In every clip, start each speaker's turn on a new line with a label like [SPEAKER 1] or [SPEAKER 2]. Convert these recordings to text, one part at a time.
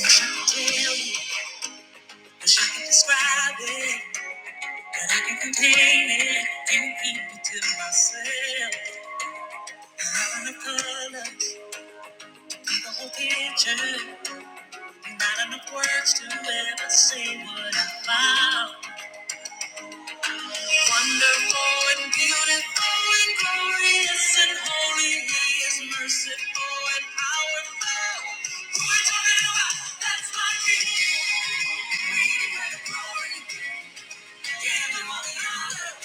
[SPEAKER 1] Wish I could tell you, wish I could describe it, but I can contain it and keep it to myself. Not enough colors, paint the whole picture. Not enough words to ever say what I found. Wonderful and beautiful and glorious and holy, He is merciful and powerful. Who are you talking about? That's my King. We declare the glory. Give Him all the honor.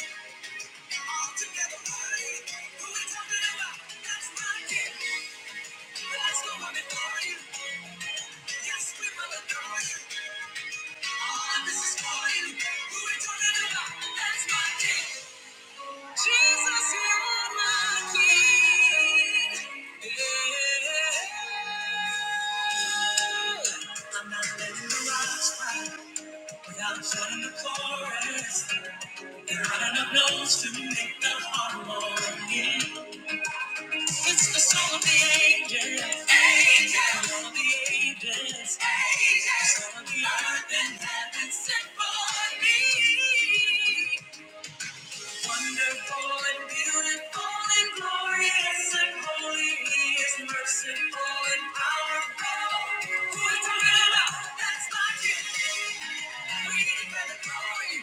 [SPEAKER 1] Jesus, you're my king. I'm not letting the rocks cry without joining the chorus. There aren't enough notes to make the harmony. It's the song of the ages. Ages. Song of the ages. Ages. Song of the earth and heaven sent for me. Wonderful and beautiful and glorious and holy. He is merciful and powerful. Who is talking about? That's not you. We give him the glory.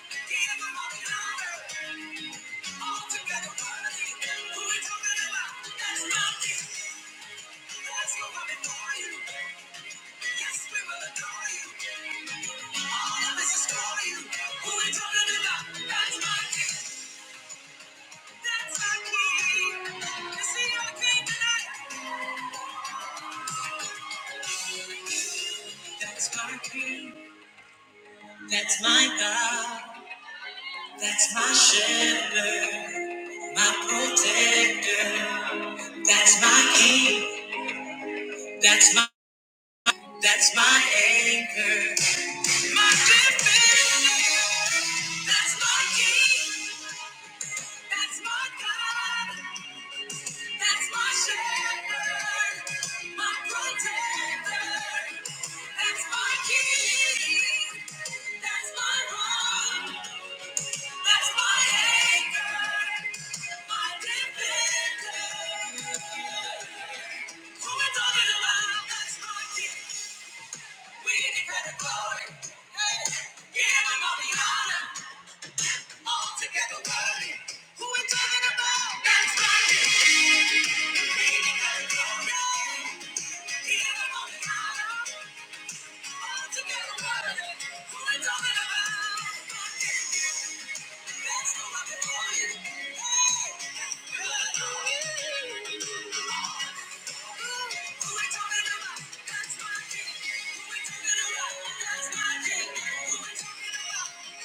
[SPEAKER 1] Give him all the honor. All together worthy. Who we talking about? That's not you. Yes, Yes, That's my That's my God. That's my shepherd. My protector. That's my king. That's my that's my anchor. My defender. That's my king. That's my God. That's my shepherd. My protector. That's my king. That's my rock. That's my anchor. My defender. Who we talking about? That's my king. We declare the glory. Hey, give him all the honor. All together worthy. Who we talking about? That's my king. Yeah, yeah, yeah. Somebody give 'em praise.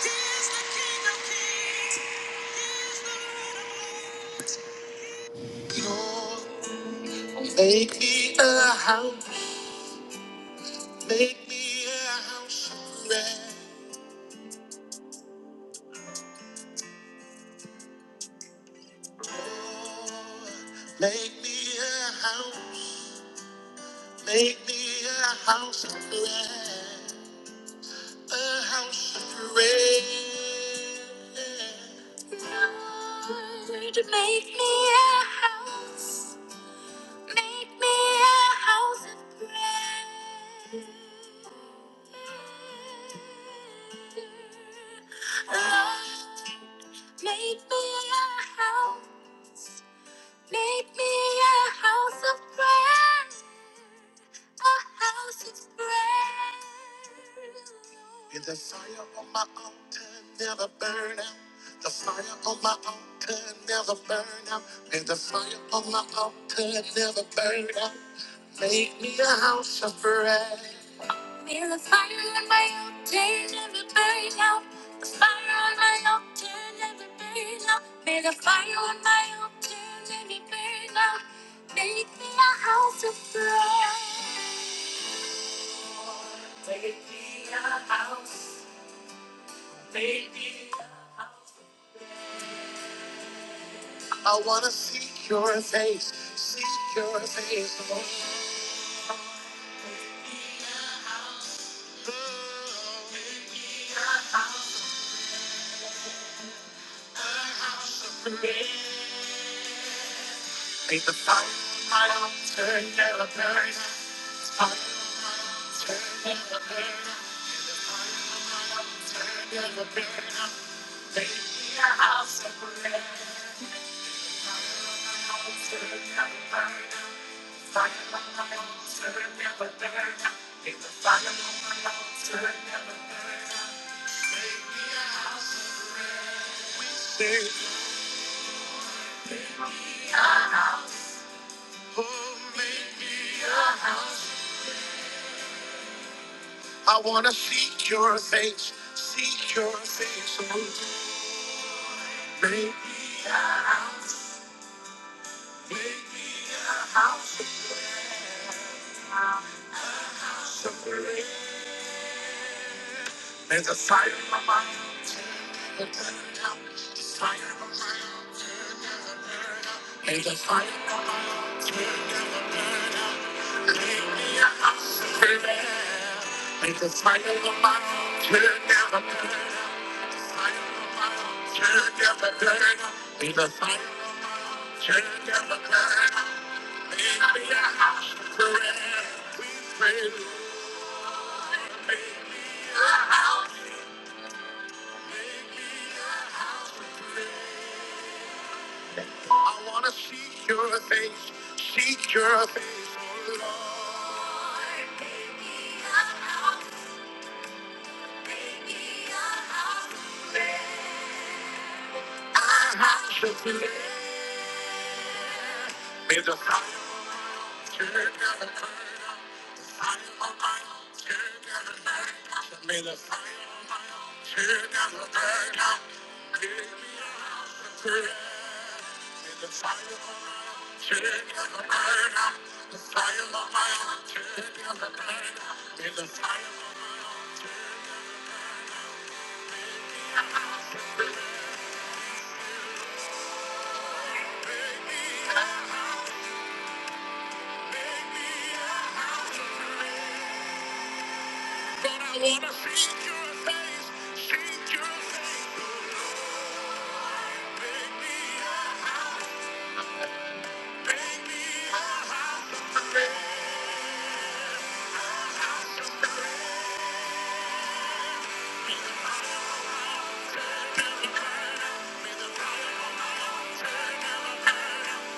[SPEAKER 1] Make me a house, make me a house of bread. Lord, Make me a house, make me a house of bread. A house of prayer. In the fire on my altar never burn out. The fire on my altar never burn out. May the fire on my altar never burn out. Make me a house of prayer. I wanna seek your face, seek your face, Lord. May the fire. I wanna seek your face, seek your face, Lord. May the fire on my altar burn out. The fire on my altar. May the fire on my altar never burn out. I wanna see your face, see your face, oh Lord. I have to flee. May the fire of your love, may the fire, may the fire. day. Day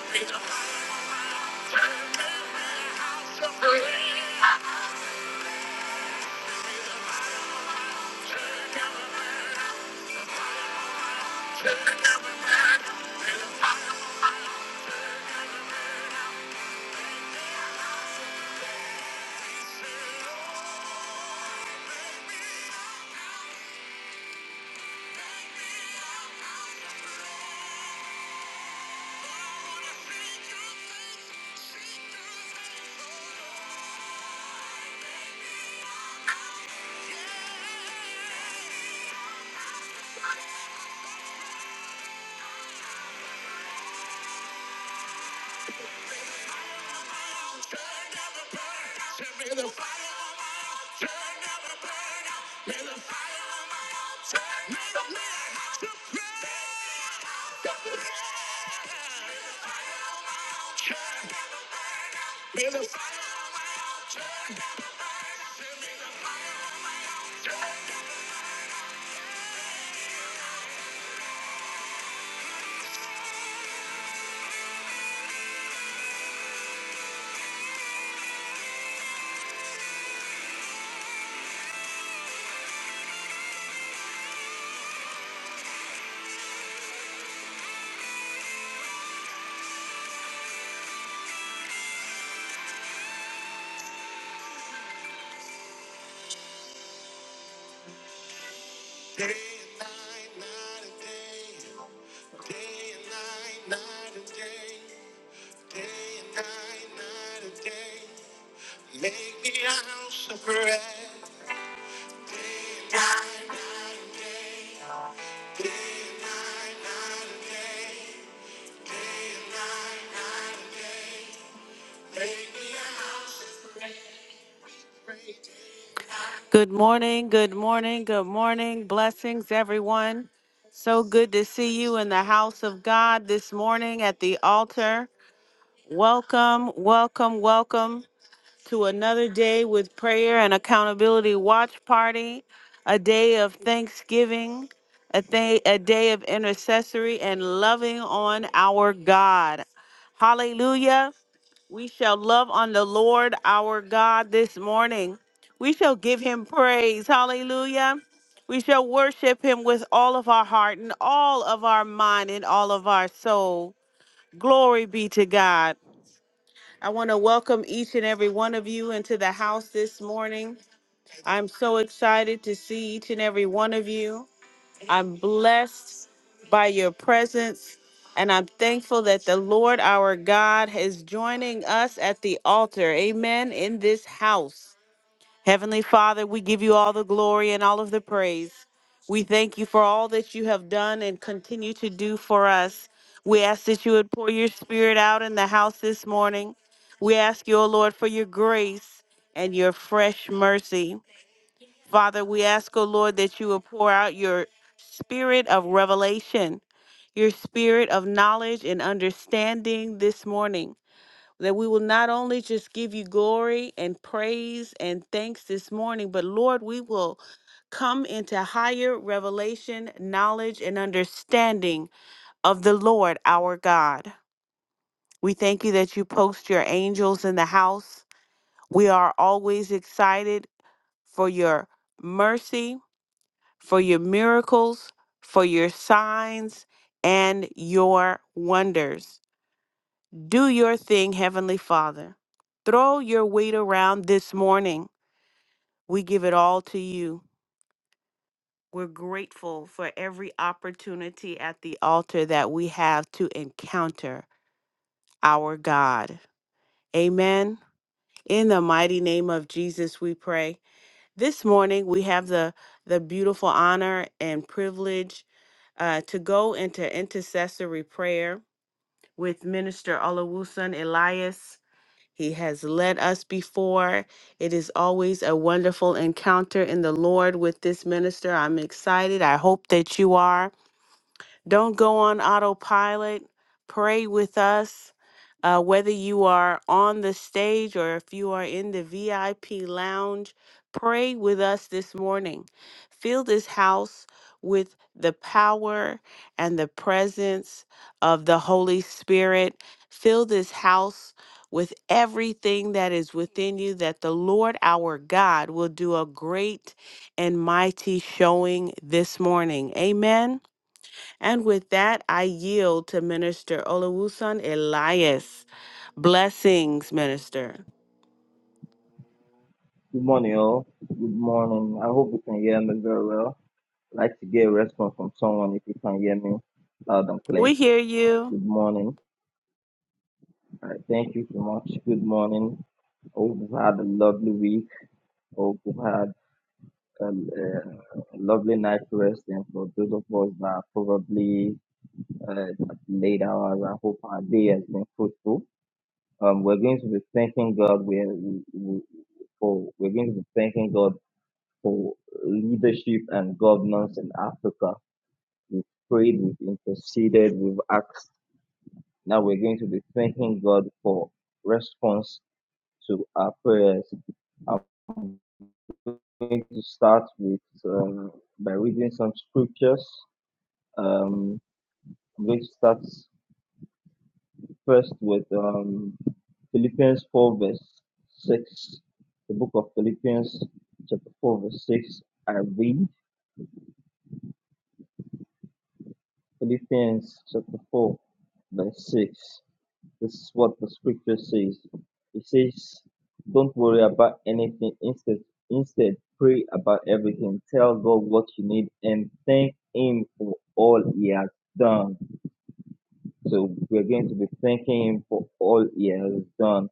[SPEAKER 1] and night, night and day. Make me a house of Prayer. Day and night, night and day. Day and night, make me a Good morning, good morning, good morning. Blessings, everyone. So good to see you in the house of God this morning at the altar. Welcome, welcome, welcome to another day with prayer and accountability watch party, a day of thanksgiving, a day, a day of intercessory and loving on our God. Hallelujah. We shall love on the Lord our God this morning. We shall give him praise. Hallelujah. We shall worship him with all of our heart and all of our mind and all of our soul. Glory be to God. I want to welcome each and every one of you into the house this morning. I'm so excited to see each and every one of you. I'm blessed by your presence, and I'm thankful that the Lord our God is joining us at the altar. Amen. In this house. Heavenly Father, we give you all the glory and all of the praise. We thank you for all that you have done and continue to do for us. We ask that you would pour your spirit out in the house this morning. We ask you, O Lord, for your grace and your fresh mercy. Father, we ask, O Lord, that you will pour out your spirit of revelation, your spirit of knowledge and understanding this morning. That we will not only just give you glory and praise and thanks this morning, but Lord, we will come into higher revelation, knowledge, and understanding of the Lord our God. We thank you that you post your angels in the house. We are always excited for your mercy for your miracles, for your signs, and your wonders. Do your thing, Heavenly Father. Throw your weight around this morning. We give it all to you. We're grateful for every opportunity at the altar that we have to encounter our God. Amen. In the mighty name of Jesus, we pray. This morning, we have the, the beautiful honor and privilege uh, to go into intercessory prayer with Minister Olawusan Elias. He has led us before. It is always a wonderful encounter in the Lord with this minister. I'm excited. I hope that you are. Don't go on autopilot. Pray with us. Uh, whether you are on the stage or if you are in the VIP lounge, pray with us this morning. Fill this house with the power and the presence of the Holy Spirit. Fill this house with everything that is within you, that the Lord our God will do a great and mighty showing this morning. Amen. And with that, I yield to Minister Olawusan Elias. Blessings, Minister.
[SPEAKER 2] Good morning, all. Good morning. I hope you can hear me very well. I'd like to get a response from someone if you can hear me loud and clear.
[SPEAKER 1] We hear you.
[SPEAKER 2] Good morning. All right, thank you so much. Good morning. I hope you've had a lovely week. I hope you've had a, uh, a lovely night rest. And for those of us that are probably uh, at late hours, I hope our day has been fruitful. Um, we're going to be thanking God. We're, we, we, for we're going to be thanking God for leadership and governance in Africa. We've prayed, we've interceded, we've asked. Now we're going to be thanking God for response to our prayers. I'm going to start with um, by reading some scriptures. Um, I'm going to start first with um, Philippians 4, verse 6. The book of Philippians, chapter 4, verse 6. I read Philippians chapter 4, verse 6. This is what the scripture says. It says, Don't worry about anything. Instead, instead, pray about everything. Tell God what you need and thank Him for all He has done. So we're going to be thanking Him for all He has done.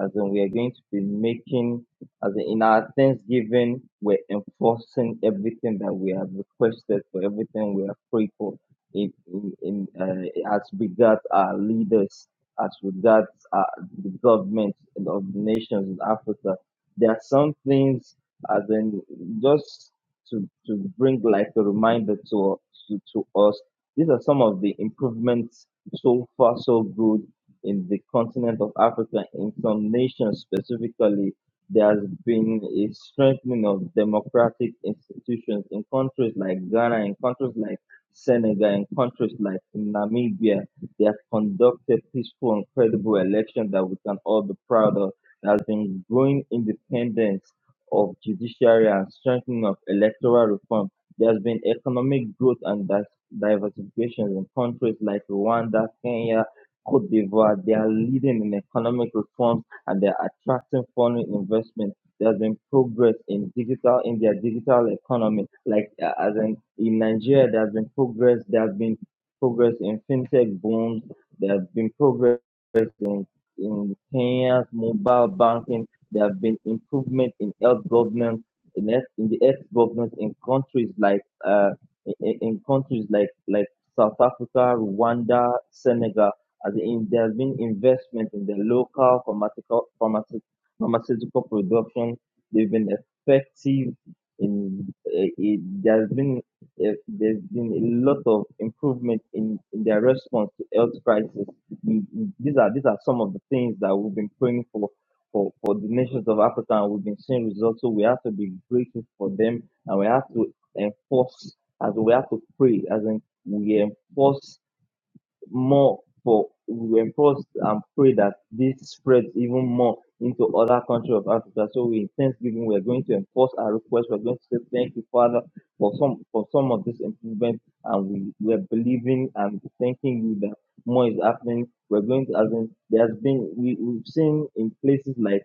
[SPEAKER 2] As in, we are going to be making, as in, in our thanksgiving, we're enforcing everything that we have requested for everything we have prayed for. In, in, in uh, as regards our leaders, as regards our the government and of the nations in Africa, there are some things, as in, just to to bring like a reminder to to, to us. These are some of the improvements so far, so good in the continent of Africa. In some nations specifically, there has been a strengthening of democratic institutions in countries like Ghana, in countries like Senegal, in countries like Namibia. They have conducted peaceful and credible elections that we can all be proud of. There has been growing independence of judiciary and strengthening of electoral reform. There has been economic growth and there diversification in countries like Rwanda, Kenya, Cote d'Ivoire. They are leading in economic reforms and they are attracting foreign investment. There's been progress in digital in their digital economy, like uh, as in in Nigeria. There's been progress. There's been progress in fintech booms. There's been progress in in Kenya's mobile banking. There have been improvement in health governance in, health- in the health governance in countries like. uh, in, in in countries like like South Africa, Rwanda, Senegal, as in there has been investment in the local pharmaceutical pharmaceutical, pharmaceutical production. They've been effective in eh, eh, there has been eh, there's been a lot of improvement in, in their response to health crisis. We- we- These are these are some of the things that we've been praying for. For, for the nations of Africa, and we've been seeing results, so we have to be grateful for them and we have to enforce as we have to pray, as in we enforce more for we reinforced and pray that this spreads even more into other countries of Africa. So we in Thanksgiving we are going to enforce our request. We're going to say thank you, Father, for some for some of this improvement and we, we are believing and thanking you that more is happening. We're going to as in there's been we, we've seen in places like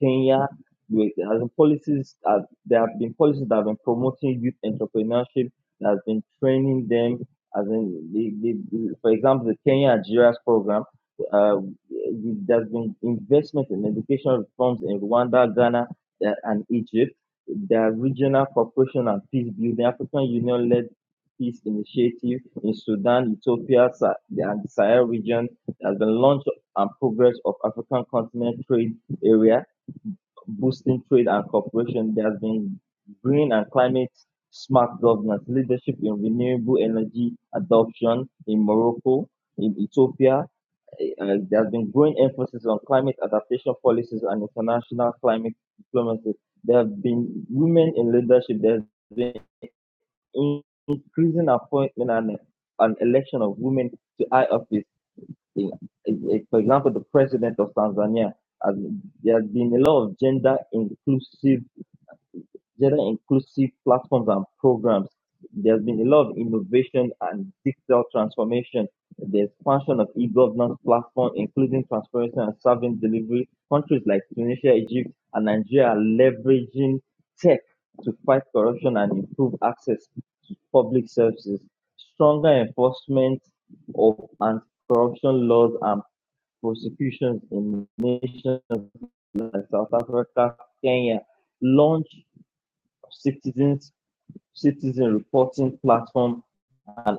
[SPEAKER 2] Kenya with as in policies as there have been policies that have been promoting youth entrepreneurship, that has been training them as in the, the, the for example the Kenya Nigeria's program. Uh, there's been investment in education reforms in Rwanda, Ghana, uh, and Egypt. There are regional cooperation and peace building, African Union led peace initiative in Sudan, Ethiopia, Sa- and the Sahel region. There's been launch and progress of African continent trade area boosting trade and cooperation. There has been green and climate smart governance, leadership in renewable energy adoption in Morocco, in Ethiopia. Uh, there has been growing emphasis on climate adaptation policies and international climate diplomacy. There have been women in leadership. There has been increasing appointment and an election of women to high office. in- in- for example, the president of Tanzania. Has, there has been a lot of gender inclusive gender inclusive platforms and programs. There's been a lot of innovation and digital transformation. The expansion of e-governance platforms, including transparency and service delivery. Countries like Tunisia, Egypt, and Nigeria are leveraging tech to fight corruption and improve access to public services. Stronger enforcement of anti-corruption laws and prosecutions in nations like South Africa, Kenya, launch of citizens citizen reporting platform and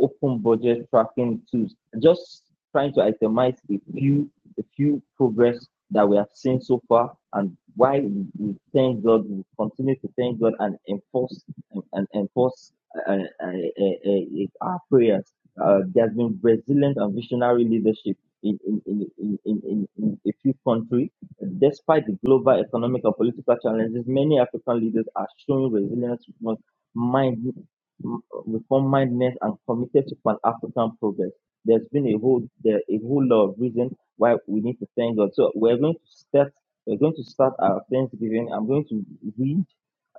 [SPEAKER 2] open budget tracking tools. Just trying to itemize a few a few progress that we have seen so far and why we, thank God, we continue to thank God and enforce and, and enforce uh, uh, uh, uh, uh, our prayers. Uh, there's been resilient and visionary leadership in, in, in, in, in in a few countries. Despite the global economic and political challenges, many African leaders are showing resilience mind, m- reform mindedness and committed to Pan-African progress. There's been a whole there a whole lot of reason why we need to thank God. So we're going to start we're going to start our Thanksgiving. I'm going to read.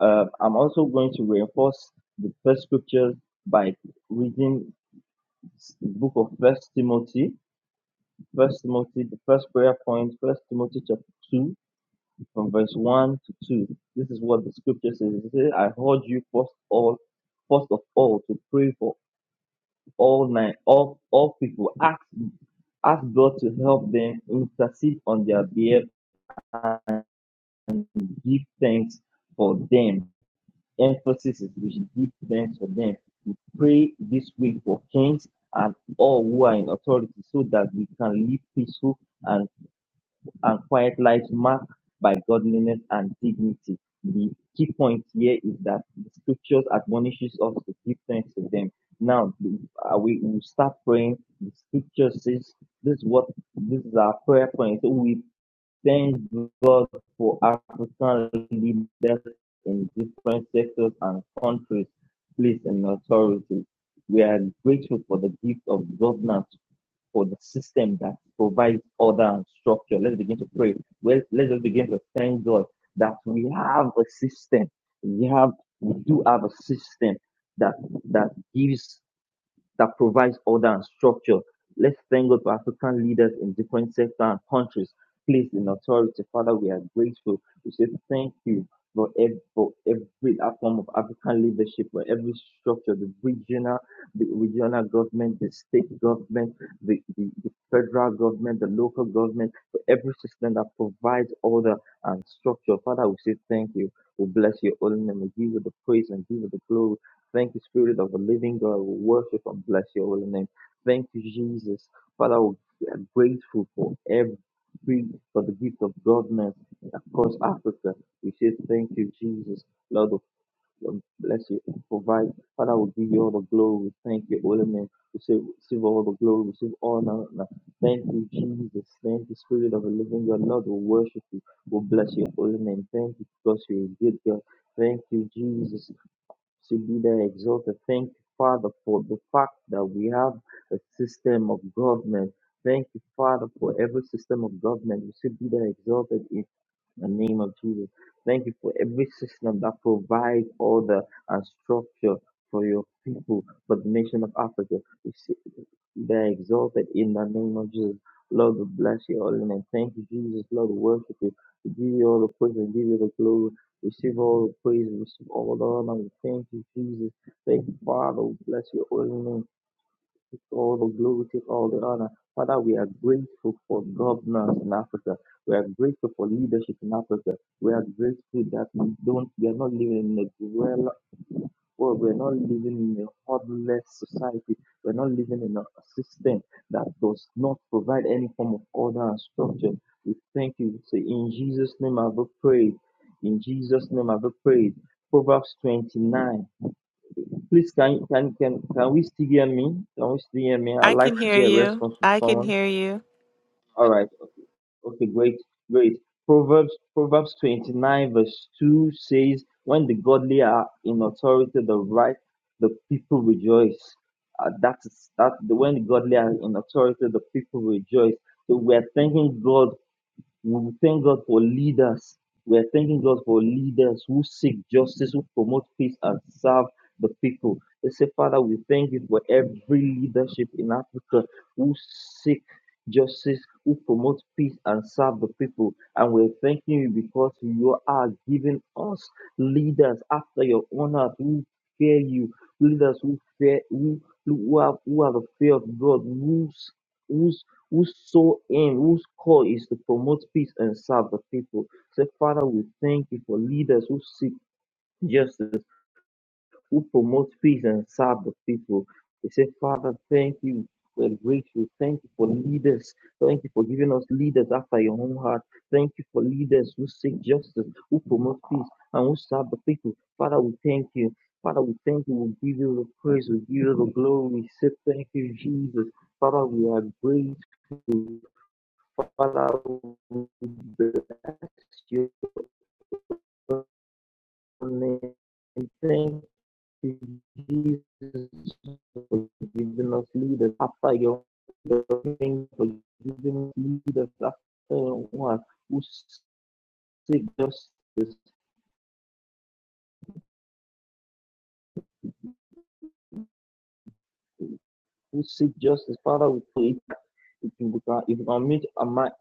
[SPEAKER 2] Uh, I'm also going to reinforce the first scriptures by reading the book of First Timothy, First Timothy, the first prayer point, First Timothy chapter two, from verse 1 to 2. This is what the scripture says. It says, I urge you first all first of all to pray for all night all all people. Ask ask God to help them intercede on their behalf and give thanks for them. Emphasis is we should give thanks for them. We pray this week for kings and all who are in authority so that we can live peaceful and and quiet lives marked by godliness and dignity. The key point here is that the scriptures admonishes us to give thanks to them. Now uh, we will start praying. The scripture says this is what this is our prayer point. So we thank God for African leaders in different sectors and countries, place and authority. We are grateful for the gift of governance for the system that provides order and structure. Let's begin to pray. Well, let's just begin to thank God that we have a system. We have, we do have a system that that gives that provides order and structure. Let's thank God for African leaders in different sectors and countries placed in authority. Father, we are grateful. We say thank you for every, for every form of African leadership, for every structure, the regional, the regional government, the state government, the, the, the federal government, the local government, for every system that provides order and structure. Father, we say thank you. We bless your holy name. We give you the praise and give you the glory. Thank you, Spirit of the Living God. We worship and bless your holy name. Thank you, Jesus. Father, we are grateful for every for the gift of godness across Africa. We say thank you, Jesus. Lord, we bless you. Provide. Father, we give you all the glory. We Thank you, holy name. Receive, receive all the glory. Receive honor. Thank you, Jesus. Thank you, Spirit of the Living God. Lord, we worship you. We bless your holy name. Thank you because you're a good God. Thank you, Jesus should Sibida exhorts to thank you, Father, for the fact that we have a system of government. Thank you, Father, for every system of government. You should be there exalted in the name of Jesus. Thank you for every system that provides order and structure for your people, for the nation of Africa. We say. Be exalted in the name of Jesus. Lord, we bless you all in and I thank you, Jesus. Lord, we worship you. We give you all the praise and give you the glory. Receive all the praise, receive all the honor. We thank you, Jesus. Thank you, Father. We bless your holy name. Take all the glory, take all the honor. Father, we are grateful for governance in Africa. We are grateful for leadership in Africa. We are grateful that we don't, we are not living in a well, we're not living in a godless society. We're not living in a system that does not provide any form of order and structure. We thank you. Say, in Jesus' name I've prayed. In Jesus' name I've prayed. Proverbs 29. Please, can, can, can, can we still hear me? Can we still hear me? I'd
[SPEAKER 1] I
[SPEAKER 2] like
[SPEAKER 1] can
[SPEAKER 2] to
[SPEAKER 1] hear
[SPEAKER 2] get a
[SPEAKER 1] you.
[SPEAKER 2] response from
[SPEAKER 1] I can
[SPEAKER 2] someone.
[SPEAKER 1] hear you.
[SPEAKER 2] All right. Okay, great, great. Proverbs Proverbs 29 verse 2 says, When the godly are in authority, the right the people rejoice. Uh, that's that is- that- when the godly are in authority, the people rejoice. So we're thanking God we thank God for leaders. We are thanking God for leaders who seek justice, who promote peace, and serve the people. Let's say, Father, we thank you for every leadership in Africa who seek justice, who promote peace, and serve the people. And we're thanking you because you are giving us leaders after your own heart who fear you, leaders who fear who, who, have, who have the fear of God, who who whose sole aim, whose call is to promote peace and serve the people. Say, Father, we thank you for leaders who seek justice, who promote peace and serve the people. They say, Father, thank you. We're grateful. Thank you for leaders. Thank you for giving us leaders after your own heart. Thank you for leaders who seek justice, who promote peace, and who serve the people. Father, we thank you. Father, we thank you. We give you the praise. We give you the glory. We say thank you, Jesus. Father, we are grateful. Father, we bless your name. Thank you, Jesus, for giving us leaders after your name, for giving us leaders after your word, who seek justice, who seek justice. Father, we pray if you can, if you can meet our mic,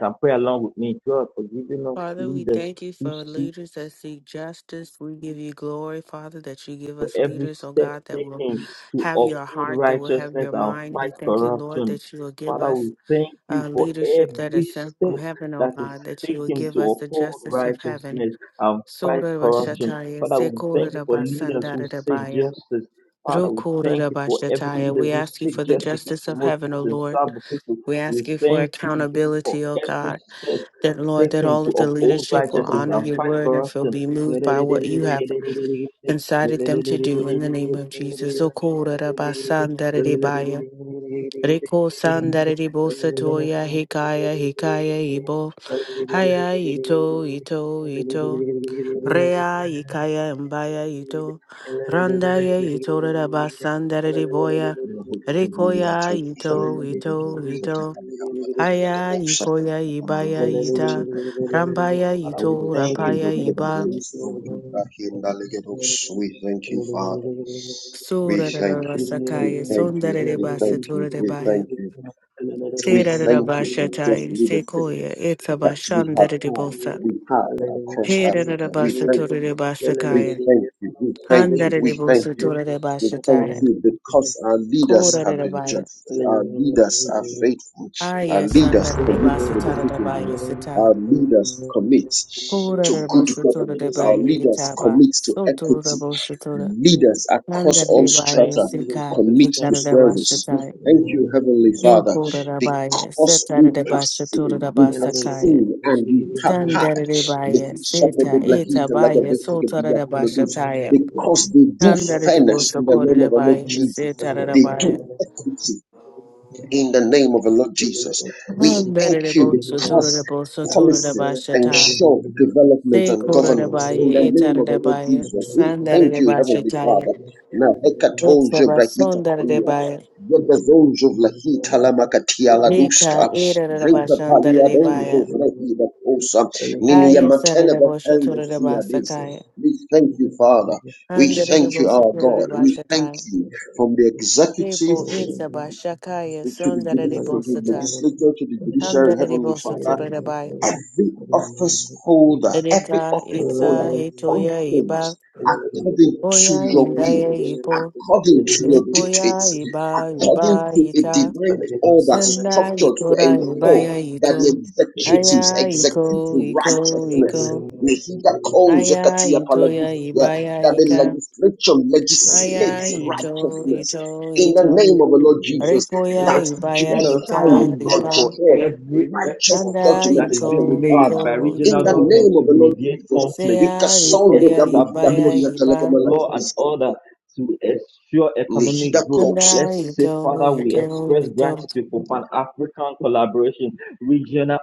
[SPEAKER 2] and pray along with me, God, for giving us
[SPEAKER 1] Father, we
[SPEAKER 2] leaders
[SPEAKER 1] thank you
[SPEAKER 2] who
[SPEAKER 1] for
[SPEAKER 2] seek.
[SPEAKER 1] leaders that seek justice. We give you glory, Father, that you give us
[SPEAKER 2] for every
[SPEAKER 1] leaders, oh
[SPEAKER 2] step
[SPEAKER 1] God, that will
[SPEAKER 2] taken to
[SPEAKER 1] have your
[SPEAKER 2] uphold
[SPEAKER 1] heart, that will have
[SPEAKER 2] righteousness
[SPEAKER 1] your
[SPEAKER 2] and
[SPEAKER 1] mind.
[SPEAKER 2] fight
[SPEAKER 1] We thank you, Lord,
[SPEAKER 2] corruption.
[SPEAKER 1] that you will give
[SPEAKER 2] Father,
[SPEAKER 1] us
[SPEAKER 2] we thank you
[SPEAKER 1] uh,
[SPEAKER 2] for
[SPEAKER 1] leadership that is
[SPEAKER 2] every
[SPEAKER 1] sent from
[SPEAKER 2] step
[SPEAKER 1] heaven, oh
[SPEAKER 2] that is
[SPEAKER 1] God, that you will
[SPEAKER 2] taken to
[SPEAKER 1] give us the
[SPEAKER 2] uphold
[SPEAKER 1] justice of heaven.
[SPEAKER 2] righteousness and fight
[SPEAKER 1] Sora
[SPEAKER 2] corruption.
[SPEAKER 1] Bashataya,
[SPEAKER 2] Father, we
[SPEAKER 1] Sekora
[SPEAKER 2] thank you for leaders who
[SPEAKER 1] Basandara
[SPEAKER 2] seek
[SPEAKER 1] Dabaya,
[SPEAKER 2] justice. Father, we thank
[SPEAKER 1] Rukora
[SPEAKER 2] you for every
[SPEAKER 1] Bashataya.
[SPEAKER 2] leaders
[SPEAKER 1] We
[SPEAKER 2] who
[SPEAKER 1] ask you
[SPEAKER 2] seek
[SPEAKER 1] for the
[SPEAKER 2] justice, who
[SPEAKER 1] justice of
[SPEAKER 2] promote
[SPEAKER 1] heaven,
[SPEAKER 2] peace
[SPEAKER 1] O
[SPEAKER 2] and
[SPEAKER 1] Lord.
[SPEAKER 2] serve the people.
[SPEAKER 1] We
[SPEAKER 2] We
[SPEAKER 1] ask you for
[SPEAKER 2] thank you for
[SPEAKER 1] accountability, O
[SPEAKER 2] every
[SPEAKER 1] God,
[SPEAKER 2] step
[SPEAKER 1] that Lord, that
[SPEAKER 2] taken
[SPEAKER 1] all
[SPEAKER 2] to
[SPEAKER 1] of the
[SPEAKER 2] uphold
[SPEAKER 1] leadership will
[SPEAKER 2] righteousness
[SPEAKER 1] honor
[SPEAKER 2] and
[SPEAKER 1] your
[SPEAKER 2] fight
[SPEAKER 1] word and will
[SPEAKER 2] corruption.
[SPEAKER 1] be moved by what you have
[SPEAKER 2] Thank
[SPEAKER 1] incited them to do in the name of Jesus. Okora Basandara Dabaya. Reko sandaridi bosatoya hikaya hikaya ibo haya ito ito ito Rea Ikaya Mbaya Ito Randaya Ito Rabasandarity Boya
[SPEAKER 3] We thank
[SPEAKER 1] Rikoya
[SPEAKER 3] you,
[SPEAKER 1] Ito Ito Ito
[SPEAKER 2] you.
[SPEAKER 1] Haya Ikoya
[SPEAKER 2] Father,
[SPEAKER 1] Ibaya Ita Rambaya
[SPEAKER 2] we
[SPEAKER 1] Ito
[SPEAKER 2] thank you.
[SPEAKER 1] Rapaya
[SPEAKER 2] Thank you,
[SPEAKER 1] Iba
[SPEAKER 2] seriously. Lord.
[SPEAKER 3] Father. We
[SPEAKER 1] Sura
[SPEAKER 3] thank you. We
[SPEAKER 1] Rasakaya
[SPEAKER 3] thank you.
[SPEAKER 1] Sundarity
[SPEAKER 3] We thank
[SPEAKER 1] Basatura
[SPEAKER 3] you.
[SPEAKER 1] de
[SPEAKER 3] We
[SPEAKER 1] Baya
[SPEAKER 3] thank you. We
[SPEAKER 1] Sira
[SPEAKER 3] thank you for just
[SPEAKER 1] Rabashatai
[SPEAKER 3] leadership
[SPEAKER 1] Sekoya
[SPEAKER 3] that we have
[SPEAKER 1] Itabashandarity
[SPEAKER 3] had.
[SPEAKER 1] Bosa
[SPEAKER 3] We have across
[SPEAKER 1] Hira
[SPEAKER 3] Africa. We thank
[SPEAKER 1] Rabasatura
[SPEAKER 3] you.
[SPEAKER 1] de
[SPEAKER 3] We
[SPEAKER 1] Basakaya
[SPEAKER 3] thank you. We thank you.
[SPEAKER 1] Handarity
[SPEAKER 3] We thank you.
[SPEAKER 1] Bosatura de
[SPEAKER 3] We thank
[SPEAKER 1] Bashataya
[SPEAKER 3] you because our leaders
[SPEAKER 1] Kora
[SPEAKER 3] have been
[SPEAKER 1] Rabaya
[SPEAKER 3] just.
[SPEAKER 2] Thank
[SPEAKER 3] Our leaders are
[SPEAKER 2] you
[SPEAKER 3] faithful. Our
[SPEAKER 1] Aya
[SPEAKER 3] leaders
[SPEAKER 1] sandara de
[SPEAKER 2] thank
[SPEAKER 3] commit to the
[SPEAKER 1] basitara da baya
[SPEAKER 3] citizens.
[SPEAKER 2] you,
[SPEAKER 1] sita.
[SPEAKER 3] Our leaders commit
[SPEAKER 1] Kura
[SPEAKER 3] to
[SPEAKER 1] de
[SPEAKER 3] good
[SPEAKER 1] bosatura de
[SPEAKER 3] governance. Our
[SPEAKER 1] baya
[SPEAKER 3] leaders
[SPEAKER 1] itaba.
[SPEAKER 3] commit to
[SPEAKER 1] Sotura de
[SPEAKER 3] equity.
[SPEAKER 1] bosatura.
[SPEAKER 3] Leaders across
[SPEAKER 1] Nandara
[SPEAKER 3] all
[SPEAKER 1] de baya
[SPEAKER 3] strata
[SPEAKER 2] Jesus.
[SPEAKER 1] sika.
[SPEAKER 3] commit
[SPEAKER 2] Thank
[SPEAKER 3] to
[SPEAKER 1] Itara
[SPEAKER 2] you
[SPEAKER 1] de
[SPEAKER 2] for
[SPEAKER 3] service. We
[SPEAKER 1] basitara.
[SPEAKER 3] thank you, Heavenly Father,
[SPEAKER 1] Epura da baya.
[SPEAKER 3] because we
[SPEAKER 1] Setara de
[SPEAKER 3] have
[SPEAKER 1] basatura
[SPEAKER 3] seen,
[SPEAKER 1] da
[SPEAKER 3] we
[SPEAKER 2] that.
[SPEAKER 3] have
[SPEAKER 2] Thank
[SPEAKER 1] basakaya.
[SPEAKER 3] seen, and we have
[SPEAKER 2] you.
[SPEAKER 3] heard.
[SPEAKER 1] Sandara de baya.
[SPEAKER 3] Lehi shepherd
[SPEAKER 1] Sita. Eta
[SPEAKER 3] blahita
[SPEAKER 1] baya. Sotara
[SPEAKER 3] lagabethagadia
[SPEAKER 1] da
[SPEAKER 3] kulodus.
[SPEAKER 1] basataya.
[SPEAKER 3] Because they do
[SPEAKER 1] Nandara de
[SPEAKER 3] fairness in the
[SPEAKER 1] bosakura
[SPEAKER 3] name of
[SPEAKER 1] de
[SPEAKER 3] the Lord
[SPEAKER 1] baya.
[SPEAKER 3] Jesus.
[SPEAKER 1] Setara da
[SPEAKER 3] They
[SPEAKER 1] baya.
[SPEAKER 3] do equity in the name of the Lord Jesus. We thank
[SPEAKER 1] Nandara de
[SPEAKER 3] you
[SPEAKER 1] bosatura
[SPEAKER 3] because
[SPEAKER 1] de bosatura da
[SPEAKER 3] policies
[SPEAKER 1] basata.
[SPEAKER 3] ensure development
[SPEAKER 1] Say
[SPEAKER 3] and governance in the
[SPEAKER 1] Korabaye,
[SPEAKER 3] name of the Lord
[SPEAKER 1] Etarabaye,
[SPEAKER 3] Jesus. We thank you, Heavenly
[SPEAKER 1] Sandarabashataya,
[SPEAKER 3] Father. Now, hekatol
[SPEAKER 1] Utsaba
[SPEAKER 3] jebrahita kolia.
[SPEAKER 1] Sondarabaya,
[SPEAKER 3] Yebezol jovlahita lamakatia
[SPEAKER 1] Rika
[SPEAKER 3] ladusta. Rita paliadol
[SPEAKER 1] Erabashandarabaya,
[SPEAKER 3] jovrahida kosa.
[SPEAKER 2] Thank
[SPEAKER 3] Ninia
[SPEAKER 1] Aya
[SPEAKER 3] matene vatenda shiadis.
[SPEAKER 2] you.
[SPEAKER 1] Saraboshuturabasakaya,
[SPEAKER 3] We thank
[SPEAKER 2] Thank
[SPEAKER 3] you, Father. We thank you, our God. We thank
[SPEAKER 1] Andaraboshaturabashataya,
[SPEAKER 3] you from the executive
[SPEAKER 1] Debo Itzabashakaya,
[SPEAKER 3] to the judiciary, to the
[SPEAKER 1] Sondarabosata,
[SPEAKER 3] legislature, to the judiciary, Heavenly Father
[SPEAKER 1] Handarabosuturabaya,
[SPEAKER 3] every office holder, every
[SPEAKER 1] Rika
[SPEAKER 3] office holder
[SPEAKER 1] Itza Hitoya Iba,
[SPEAKER 3] functions according to
[SPEAKER 1] Oya
[SPEAKER 3] your
[SPEAKER 1] Indaya
[SPEAKER 3] will,
[SPEAKER 1] Ipo,
[SPEAKER 3] according to your
[SPEAKER 1] Ripoya
[SPEAKER 3] dictates,
[SPEAKER 1] Iba,
[SPEAKER 3] according
[SPEAKER 1] Iba
[SPEAKER 3] to a
[SPEAKER 1] Ita.
[SPEAKER 3] divine order
[SPEAKER 1] Senda
[SPEAKER 3] structured to
[SPEAKER 1] ikora
[SPEAKER 3] ensure
[SPEAKER 1] ibaya
[SPEAKER 3] that
[SPEAKER 1] ito.
[SPEAKER 3] the executives
[SPEAKER 1] Aya iko
[SPEAKER 3] execute
[SPEAKER 1] iko iko.
[SPEAKER 3] righteousness. May he that calls
[SPEAKER 1] Aya
[SPEAKER 3] Zekatia
[SPEAKER 1] ito ya
[SPEAKER 3] Palabisia,
[SPEAKER 1] ibaya
[SPEAKER 3] that the
[SPEAKER 1] ika.
[SPEAKER 3] legislature
[SPEAKER 1] Aya
[SPEAKER 3] legislates
[SPEAKER 2] you.
[SPEAKER 1] ito
[SPEAKER 3] righteousness.
[SPEAKER 1] ito
[SPEAKER 3] In the
[SPEAKER 1] ito.
[SPEAKER 3] name of the Lord Jesus,
[SPEAKER 1] Ripo ya
[SPEAKER 3] that
[SPEAKER 2] Let's
[SPEAKER 3] the
[SPEAKER 1] ibaya
[SPEAKER 2] let us
[SPEAKER 3] judiciary
[SPEAKER 1] ita
[SPEAKER 2] thank God for
[SPEAKER 1] ripa.
[SPEAKER 3] ensures
[SPEAKER 2] every
[SPEAKER 3] righteous
[SPEAKER 2] effort
[SPEAKER 1] Anda
[SPEAKER 2] that
[SPEAKER 3] judgment,
[SPEAKER 2] is being
[SPEAKER 1] iko
[SPEAKER 3] Heavenly
[SPEAKER 1] iko
[SPEAKER 2] made
[SPEAKER 3] Father.
[SPEAKER 2] by
[SPEAKER 3] In
[SPEAKER 2] regional
[SPEAKER 3] the
[SPEAKER 1] iko.
[SPEAKER 2] government
[SPEAKER 3] name
[SPEAKER 2] to
[SPEAKER 3] of the Lord
[SPEAKER 2] mediate
[SPEAKER 3] Jesus,
[SPEAKER 2] conflict,
[SPEAKER 3] we
[SPEAKER 1] Seya
[SPEAKER 2] to
[SPEAKER 1] ripo
[SPEAKER 3] casondo
[SPEAKER 1] ya
[SPEAKER 3] gablihida
[SPEAKER 1] ibaya
[SPEAKER 2] establish
[SPEAKER 3] koria
[SPEAKER 1] iba.
[SPEAKER 2] law and
[SPEAKER 3] telegamalakista,
[SPEAKER 2] order, to ensure
[SPEAKER 3] nihida
[SPEAKER 2] economic growth.
[SPEAKER 3] kosta.
[SPEAKER 1] Anda
[SPEAKER 2] Let's say,
[SPEAKER 1] ito
[SPEAKER 2] Father, we
[SPEAKER 1] ito
[SPEAKER 2] express
[SPEAKER 1] ito.
[SPEAKER 2] gratitude for Pan African collaboration, regional